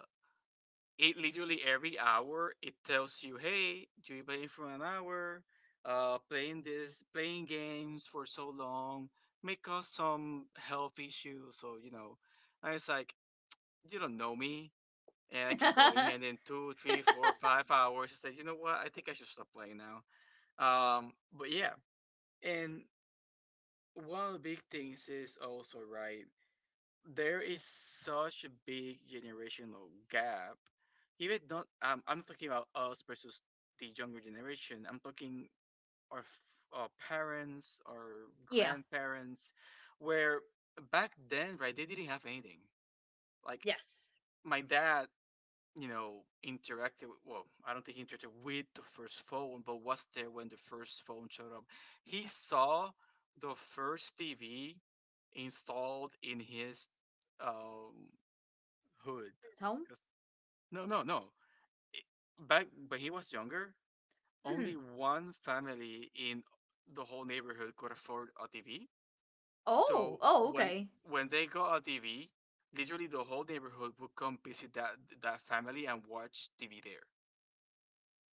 S2: it literally every hour it tells you, hey, you've been playing for an hour, playing games for so long may cause some health issues. So you know, I was like, you don't know me. And I keep going, and then two, three, four, 5 hours. It's like, you know what? I think I should stop playing now. But yeah, and one of the big things is also, right, there is such a big generational gap. Even not, I'm not talking about us versus the younger generation. I'm talking our, f- our parents, our
S1: yeah.
S2: grandparents, where back then, right, they didn't have anything. Like
S1: Yes.
S2: my dad, you know, Well, I don't think he interacted with the first phone, but was there when the first phone showed up. He saw the first TV installed in his um, hood.
S1: It's home.
S2: 'Cause- no, no, no. I- Back when he was younger,
S1: Mhm.
S2: only one family in the whole neighborhood could afford a TV.
S1: Oh,
S2: So
S1: oh,
S2: when
S1: okay.
S2: when they got a TV, literally the whole neighborhood would come visit that family and watch TV there.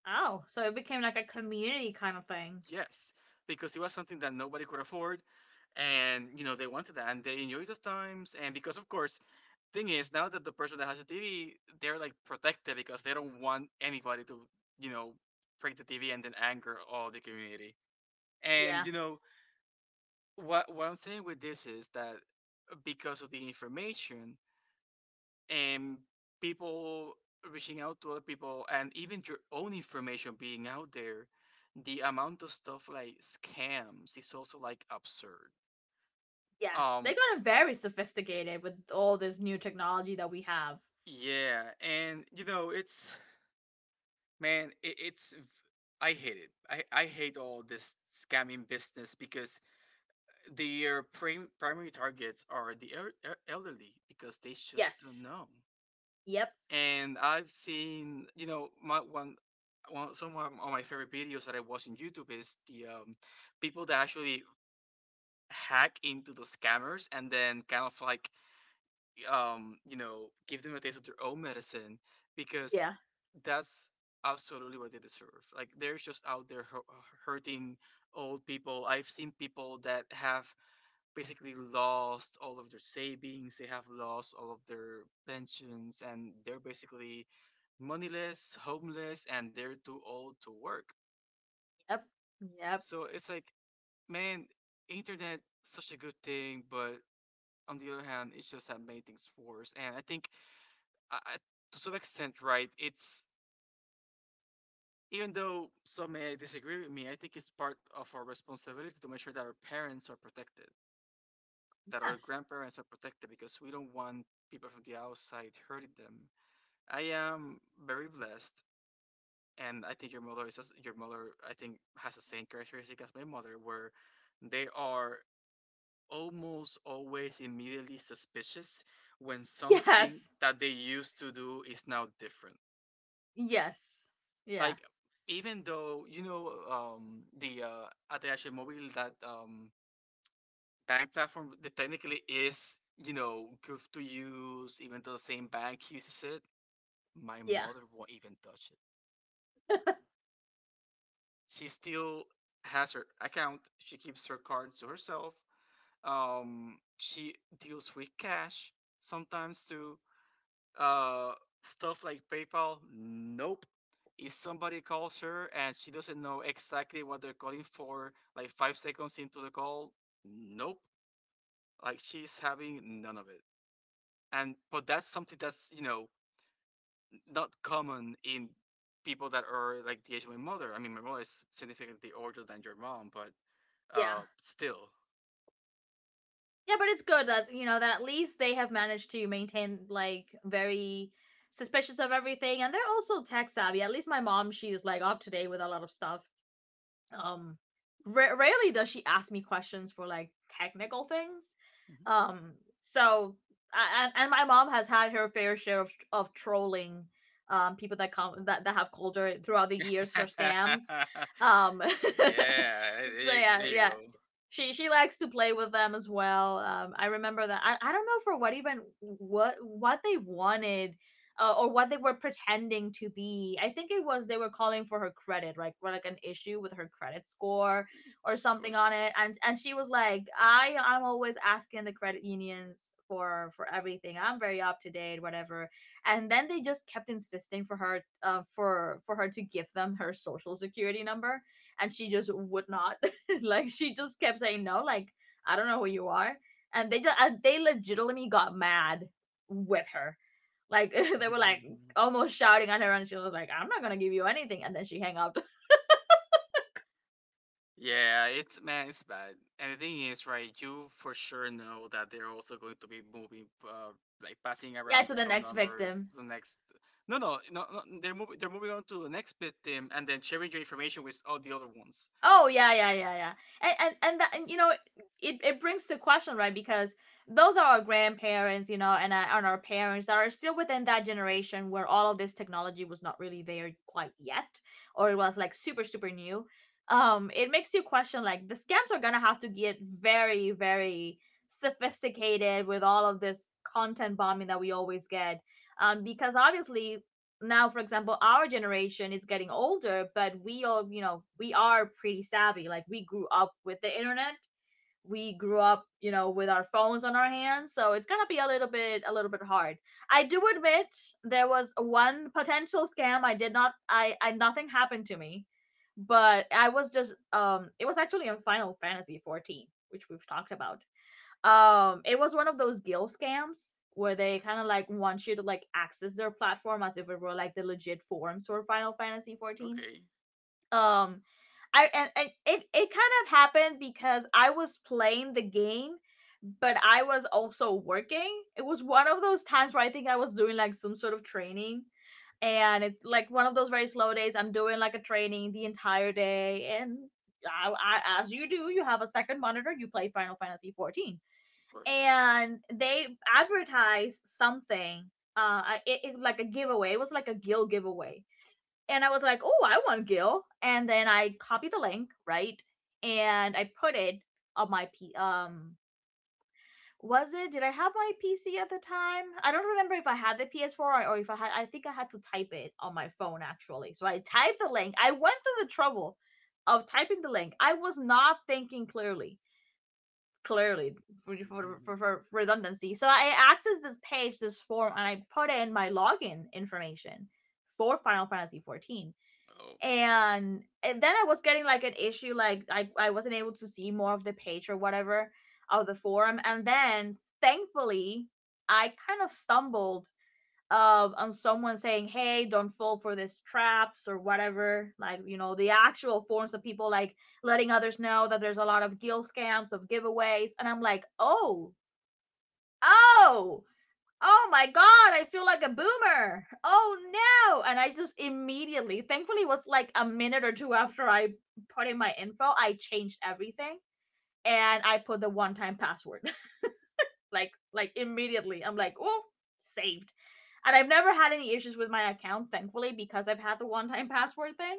S1: Oh, so it became like a community kind of thing.
S2: Yes, because it was something that nobody could afford, and you know they wanted that, and they enjoyed those times. And because, of course, thing is now that the person that has a TV, they're like protected because they don't want anybody to, you know, break the TV and then anger all the community.
S1: Yeah.
S2: And you know what I'm saying with this is that because of the information, and people reaching out to other people and even your own information being out there, the amount of stuff like scams is also like absurd.
S1: Yes, they
S2: um
S1: got very sophisticated with all this new technology that we have.
S2: yeah, and you know it's, man, I hate it. I hate all this scamming business because their primary targets are the elderly because they just don't
S1: Yes.
S2: know.
S1: Yep.
S2: And I've seen, you know, my one one some of my favorite videos that I watch on YouTube is the people that actually hack into the scammers and then kind of like, you know, give them a taste of their own medicine, because
S1: Yeah.
S2: that's absolutely what they deserve. Like they're just out there hurting old people. I've seen people that have basically lost all of their savings. They have lost all of their pensions, and they're basically moneyless, homeless, and they're too old to work.
S1: Yep. Yep.
S2: So it's like, man, internet such a good thing, but on the other hand, it just have made things worse. And I think, I, I- to some extent, right, it's, even though some may disagree with me, I think it's part of our responsibility to make sure that our parents are protected, that our
S1: Yes.
S2: grandparents are protected, because we don't want people from the outside hurting them. I am very blessed, and I think your mother is as- your mother. I think has the same characteristic as my mother, where they are almost always immediately suspicious when something
S1: Yes.
S2: that they used to do is now different.
S1: Yes. Yeah.
S2: Like even though, you know, the Ateashi Mobile, that bank platform that technically is, you know, good to use, even though the same bank uses it, my
S1: Yeah.
S2: mother won't even touch it.
S1: yeah.
S2: She still has her account. She keeps her cards to herself. She deals with cash sometimes too. Uh, Stuff like PayPal, nope. If somebody calls her and she doesn't know exactly what they're calling for, like 5 seconds into the call, nope. Like she's having none of it. And but that's something that's, you know, not common in people that are like the age of my mother. I mean, my mother is significantly older than your mom, but
S1: Yeah,
S2: still.
S1: but it's good that, you know, that at least they have managed to maintain like very suspicious of everything, and they're also tech savvy. At least my mom, she is like up to date with a lot of stuff. Um, rarely does she ask me questions for like technical things. Um, so, and my mom has had her fair share of trolling, people that come that have called her throughout the
S2: Yeah,
S1: years for scams. Um,
S2: there,
S1: so yeah,
S2: there you
S1: yeah,
S2: go.
S1: she likes to play with them as well. I remember that. I don't know for what, even what they wanted, or what they were pretending to be. I think it was, they were calling for her credit, like for like an issue with her credit score or
S2: Of
S1: something on
S2: course.
S1: it. And she was like, I I'm always asking the credit unions for everything. I'm very up to date, whatever. And then they just kept insisting for her, for her to give them her social security number, and she just would not, like she just kept saying no. Like, I don't know who you are. And they just, and they legitimately got mad with her. Like, they were like almost shouting at her, and she was like, "I'm not gonna give you anything." And then she hung up.
S2: Yeah, it's, man, it's bad. And the thing is, right? You for sure know that they're also going to be moving, like passing
S1: yeah,
S2: around
S1: to
S2: your
S1: the
S2: phone
S1: next
S2: numbers
S1: victim.
S2: to the next. No, no, no, no. They're moving. They're moving on to the next victim, and then sharing your information with all the other ones.
S1: Oh yeah, yeah, yeah, yeah. And that, and, you know, it brings to question, right? Because those are our grandparents, you know, and our parents are still within that generation where all of this technology was not really there quite yet, or it was like super super new. It makes you question, like the scams are gonna have to get very, very sophisticated with all of this content bombing that we always get. Because obviously, now for example, our generation is getting older, but we all, you know, we are pretty savvy, like we grew up with the internet, we grew up, you know, with our phones on our hands, so it's gonna be a little bit, a little bit hard, I do admit. There was one potential scam I did not, I I nothing happened to me, but I was just, it was actually on Final Fantasy 14, which we've talked about. Um, it was one of those guild scams where they kind of like want you to like access their platform as if it were like the legit forums for Final Fantasy 14.
S2: Okay, of
S1: Um I, and it kind of happened because I was playing the game, but I was also working. It was one of those times where I think I was doing like some sort of training, and it's like one of those very slow days. I'm doing like a training the entire day, and I, as you do, you have a second monitor, you play Final Fantasy 14,
S2: course.
S1: and they advertised something, it, like a giveaway, it was like a Gil giveaway. And I was like, oh, I want Gil!" And then I copied the link, right? And I put it on my p um, was it, did I have my pc at the time? I don't remember if I had the PS4, or if I had, I think I had to type it on my phone, actually. So I typed the link. I went through the trouble of typing the link. I was not thinking clearly. Clearly. For redundancy. So I accessed this page, this form, and I put in my login information for Final Fantasy 14.
S2: Oh.
S1: And then I was getting like an issue, like I wasn't able to see more of the page or whatever of the forum. And then thankfully, I kind of stumbled, on someone saying, hey, don't fall for this traps or whatever. Like, you know, the actual forms of people like letting others know that there's a lot of guild scams of giveaways. And I'm like, oh, oh, oh my god, I feel like a boomer, oh no. And I just immediately, thankfully, it was like a minute or two after I put in my info, I changed everything, and I put the one time password like immediately. I'm like, oh, saved. And I've never had any issues with my account, thankfully, because I've had the one-time password thing.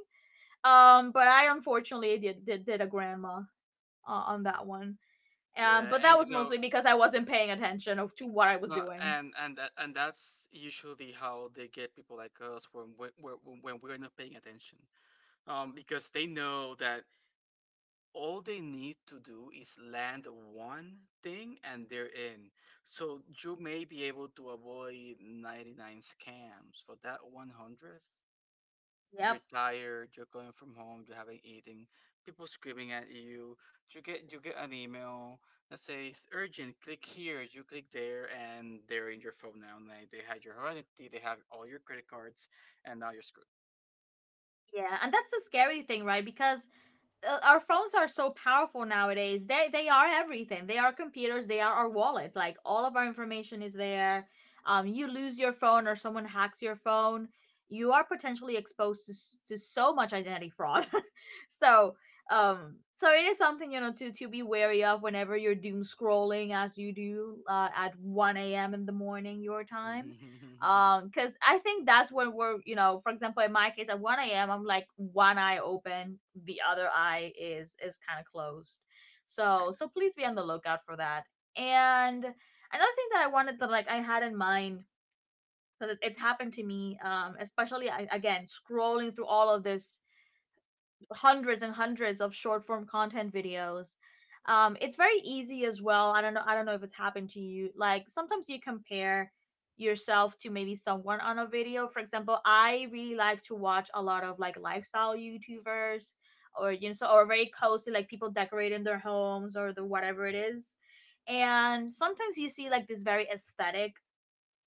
S1: But I unfortunately did a grandma, on that one.
S2: Yeah,
S1: But that
S2: and
S1: was
S2: you know,
S1: mostly because I wasn't paying attention to what I was
S2: no,
S1: doing.
S2: and that and that's usually how they get people like us when we're, when we're not paying attention. Because they know that all they need to do is land one thing and they're in. So you may be able to avoid 99 scams, but that 100th,
S1: Yep.
S2: you're tired, you're going from home, you haven't eaten, people screaming at you. You get an email that says urgent, click here, you click there and they're in your phone now. And they had your identity, they have all your credit cards and now you're screwed.
S1: Yeah, and that's the scary thing, right? Because our phones are so powerful nowadays. They are everything. They are computers. They are our wallet. Like all of our information is there. You lose your phone or someone hacks your phone, you are potentially exposed to to so much identity fraud. so, um, so it is something, you know, to be wary of whenever you're doom scrolling, as you do, at 1 a.m in the morning your time. Um, because I think that's when we're, you know, for example, in my case, at 1 a.m, I'm like one eye open, the other eye is kind of closed.
S2: Kind
S1: So so
S2: of.
S1: please be on the lookout for that. And another thing that I wanted to, like I had in mind, because it's happened to me, especially again, scrolling through all of this hundreds and hundreds of short form content videos. It's very easy as well. I don't know. I don't know if it's happened to you. Like sometimes you compare yourself to maybe someone on a video. For example, I really like to watch a lot of like lifestyle YouTubers, or you know, so, or very cozy, like people decorating their homes, or the whatever it is. And sometimes you see like these very aesthetic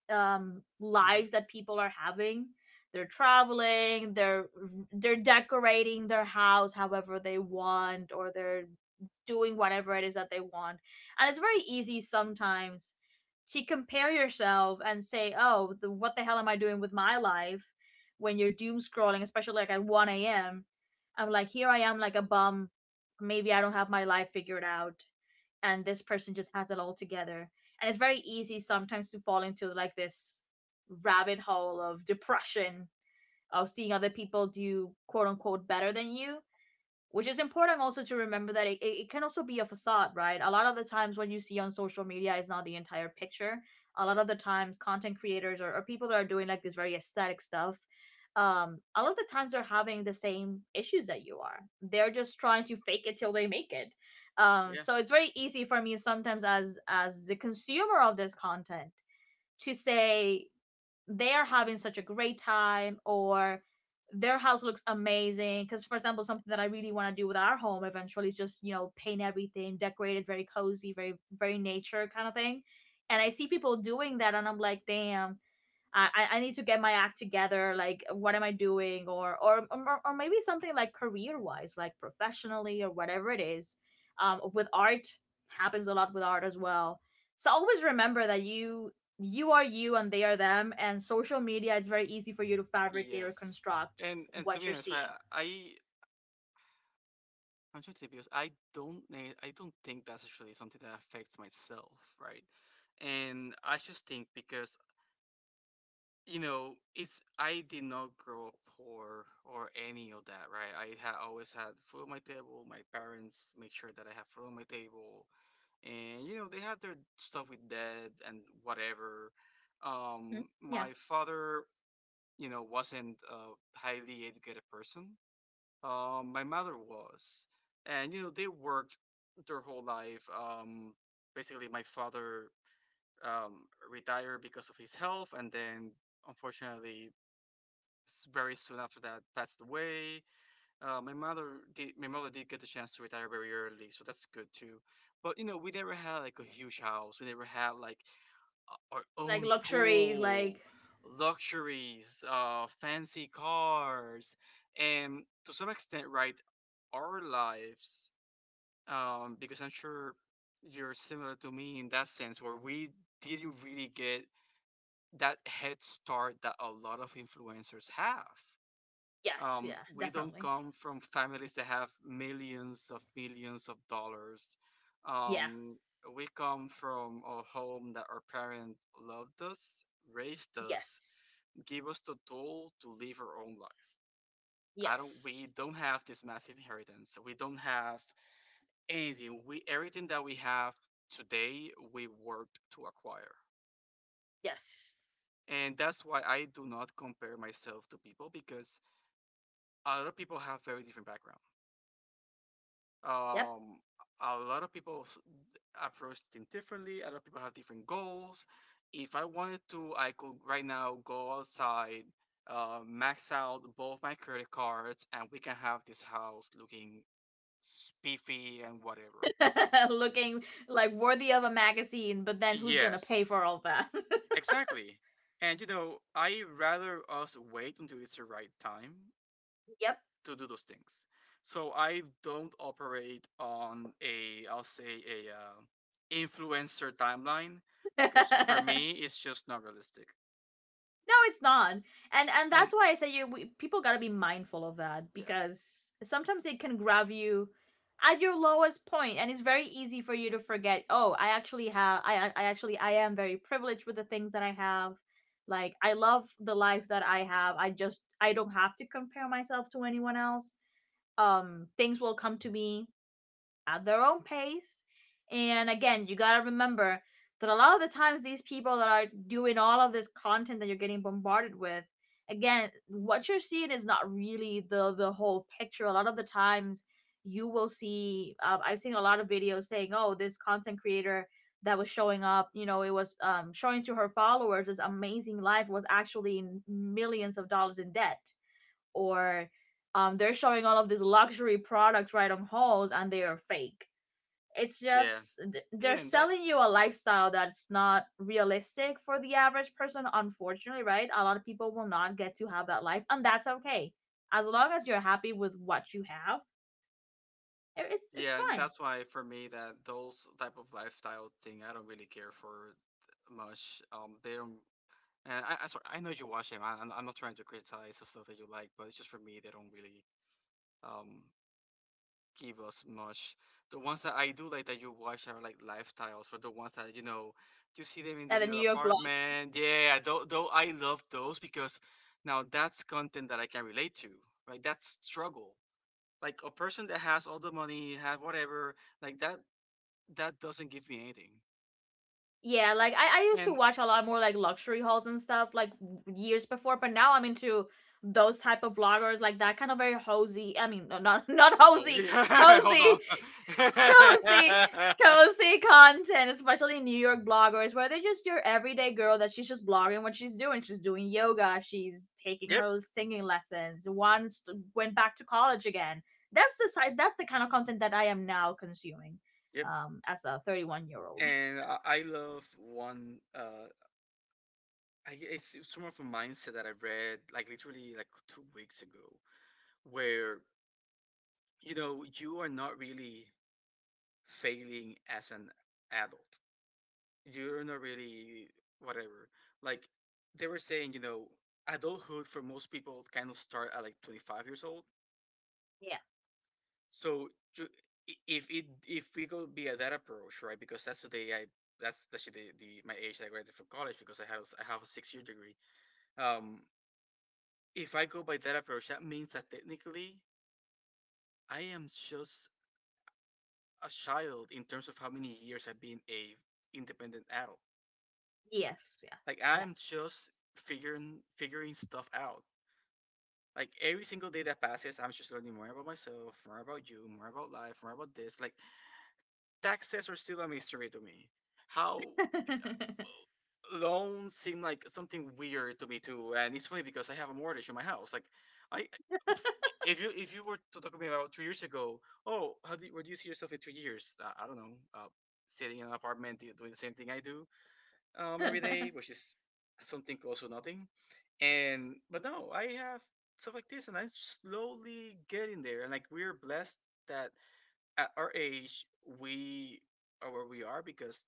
S2: Hmm.
S1: lives that people are having. They're traveling, they're decorating their house however they want, or they're doing whatever it is that they want. And it's very easy sometimes to compare yourself and say, oh what the hell am I doing with my life when you're doom scrolling, especially like at 1 a.m. I'm like, here I am like a bum. Maybe I don't have my life figured out, and this person just has it all together. And it's very easy sometimes to fall into like this rabbit hole of depression, of seeing other people do quote unquote better than you. Which is important also to remember that can also be a facade, right? A lot of the times when you see on social media is not the entire picture. A lot of the times content creators or people that are doing like this very aesthetic stuff, a lot of the times they're having the same issues that you are. They're just trying to fake it till they make it. um
S2: Yeah.
S1: so it's very easy for me sometimes as the consumer of this content, to say they are having such a great time, or their house looks amazing. Because for example, something that I really want to do with our home eventually is just, you know, paint everything, decorate it very cozy, very very nature kind of thing. And I see people doing that and I'm like, damn, I need to get my act together. Like, what am I doing? Or maybe something like career wise, like professionally or whatever it is. With art happens a lot with art as well. So always remember that you are you and they are them, and social media it's very easy for you to fabricate or
S2: Yes.
S1: construct
S2: And to
S1: what
S2: be
S1: you're
S2: honest, right,
S1: seeing.
S2: I I'm trying to say because I don't think that's actually something that affects myself, right? And I just think because, you know, it's, I did not grow up poor or any of that, right? I had always had food on my table. My parents make sure that I have food on my table, and you know they had their stuff with dad and whatever.
S1: Mhm. Yeah,
S2: My father, you know, wasn't a highly educated person. My mother was, and you know they worked their whole life. Basically, my father, um, retired because of his health, and then, unfortunately, very soon after that, passed away. My mother did. My mother did get the chance to retire very early, so that's good too. But you know, we never had like a huge house. We never had like our
S1: like
S2: own
S1: luxuries, like
S2: pool, luxuries, fancy cars, and to some extent, right, our lives, because I'm sure you're similar to me in that sense where we didn't really get that head start that a lot of influencers have.
S1: yes, yeah,
S2: We don't
S1: definitely,
S2: come from families that have millions of dollars.
S1: yeah,
S2: Um, we come from a home that our parents loved us, raised us,
S1: yes,
S2: gave us the tool to live our own life. I don't.
S1: yes,
S2: We don't have this massive inheritance. We don't have anything we Everything that we have today we worked to acquire,
S1: yes,
S2: and that's why I do not compare myself to people because a lot of people have very different background.
S1: yep.
S2: Um, a lot of people approach things differently, a lot of people have different goals. If I wanted to, I could right now go outside, max out both my credit cards and we can have this house looking spiffy and whatever.
S1: Looking like worthy of a magazine, but then who's gonna pay
S2: Yes.
S1: for all that?
S2: Exactly. And you know, I rather us wait until it's the right time
S1: Yep.
S2: to do those things. So I don't operate on a, I'll say a influencer timeline because for
S1: No,
S2: me it's just not realistic.
S1: it's not, and
S2: And
S1: that's why I say people gotta be mindful of that,
S2: yeah,
S1: because sometimes it can grab you at your lowest point, and it's very easy for you to forget. Oh, I actually have. I actually, I am very privileged with the things that I have. Like I love the life that I have. I don't have to compare myself to anyone else. Things will come to me at their own pace. And again, you gotta remember that a lot of the times these people that are doing all of this content that you're getting bombarded with, again, what you're seeing is not really the whole picture. A lot of the times you will see I've seen a lot of videos saying, "Oh, this content creator that was showing up, you know, it was showing to her followers this amazing life was actually millions of dollars in debt." Or they're showing all of these luxury products right on hauls and they are fake. It's
S2: yeah,
S1: just
S2: yeah,
S1: they're
S2: and that,
S1: selling you a lifestyle that's not realistic for the average person, unfortunately. Right, a lot of people will not get to have that life, and that's okay. As long as you're happy with what you have, it's
S2: yeah,
S1: fine.
S2: that's why for me that those type of lifestyle thing I don't really care for much. They don't. And I Sorry, I know you watch them. I'm not trying to criticize the stuff that you like, but it's just for me they don't really, um give us much. The ones that I do like that you watch are like lifestyles or the ones that you know you see them in the
S1: And the New
S2: little
S1: York.
S2: apartment. Yeah, though I love those because now that's content that I can relate to. Right? That's struggle. Like a person that has all the money, have whatever, like that, that doesn't give me anything.
S1: Yeah, like I used to
S2: And
S1: watch a lot more like luxury hauls and stuff like years before, but now I'm into those type of vloggers, like that kind of very hosey. I mean, no, not not
S2: oh
S1: hosey,
S2: yeah, hold on.
S1: cozy, cozy, cozy content, especially New York bloggers where they're just your everyday girl that she's just blogging what she's doing. She's doing yoga, she's taking
S2: Yep,
S1: her singing lessons. Once went back to college again. That's the side. That's the kind of content that I am now consuming,
S2: yep.
S1: as a 31-year-old year old.
S2: And I, it's more of a mindset that I read like literally like 2 weeks ago, where you know you are not really failing as an adult. You're not really whatever. Like they were saying, you know, adulthood for most people kind of start at like 25 years old.
S1: Yeah.
S2: So ju- if it if we go via that approach, right? Because that's the day I that's actually the my age that I graduated from college because I have a 6 year degree. Um, If I go by that approach, that means that technically I am just a child in terms of how many years I've been a independent adult.
S1: Yes.
S2: Like
S1: Yeah.
S2: I'm just figuring stuff out. Like every single day that passes, I'm just learning more about myself, more about you, more about life, more about this. Like taxes are still a mystery to me. How?
S1: Yeah.
S2: Loans seem like something weird to me too, and it's funny because I have a mortgage in my house. Like, I, if you were to talk to me about 2 years ago, oh, how do you, where do you see yourself in 3 years? I don't know, sitting in an apartment doing the same thing I do every day, which is something close to nothing. And but no, I have stuff like this, and I'm slowly getting there. And like we're blessed that at our age we are where we are because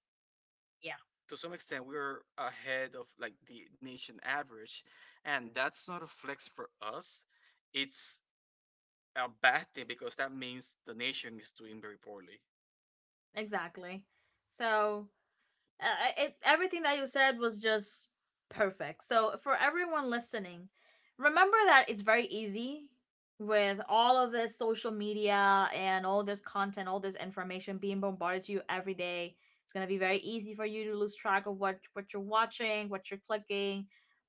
S1: Yeah.
S2: to some extent we're ahead of like the nation average, and that's not a flex for us, it's a bad thing because that means the nation is doing very poorly.
S1: Exactly. So uh, everything that you said was just perfect. So for everyone listening, remember that it's very easy with all of this social media and all this content, all this information being bombarded to you every day. It's gonna be very easy for you to lose track of what you're watching, what you're clicking,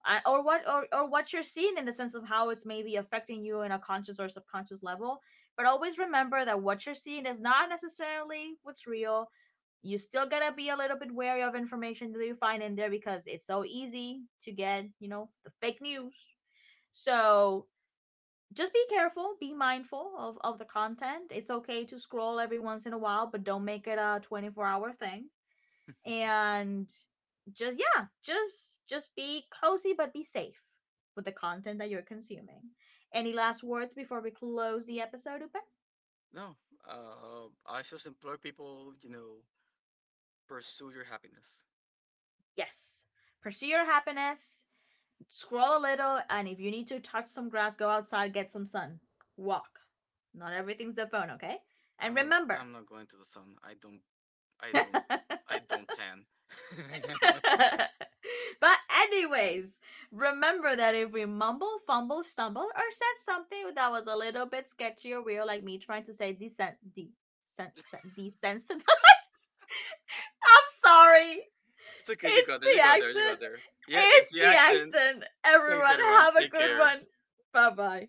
S1: or what you're seeing, in the sense of how it's maybe affecting you in a conscious or subconscious level. But always remember that what you're seeing is not necessarily what's real. You still gotta be a little bit wary of information that you find in there because it's so easy to get, you know, the fake news. So just be careful, be mindful of the content. It's okay to scroll every once in a while, but don't make it a 24-hour hour thing. And just yeah, just be cozy but be safe with the content that you're consuming. Any last words before we close the episode, Upe?
S2: No, I just implore people, you know, pursue your happiness.
S1: Yes. Pursue your happiness. Scroll a little, and if you need to touch some grass, go outside, get some sun, walk. Not everything's the phone, okay? And
S2: i'm not
S1: remember.
S2: i'm not going to the sun. I
S1: But,
S2: don't I don't tan.
S1: anyways, remember that if we mumble, fumble, stumble, or said something that was a little bit sketchy or weird, like me trying to say decent, desensitized. I'm sorry.
S2: It's okay,
S1: It's the
S2: you got
S1: accent.
S2: there, yeah, it's
S1: It's
S2: the
S1: the
S2: accent.
S1: accent.
S2: Thanks
S1: Everyone,
S2: everyone,
S1: have a
S2: take
S1: good
S2: care.
S1: one. Bye bye.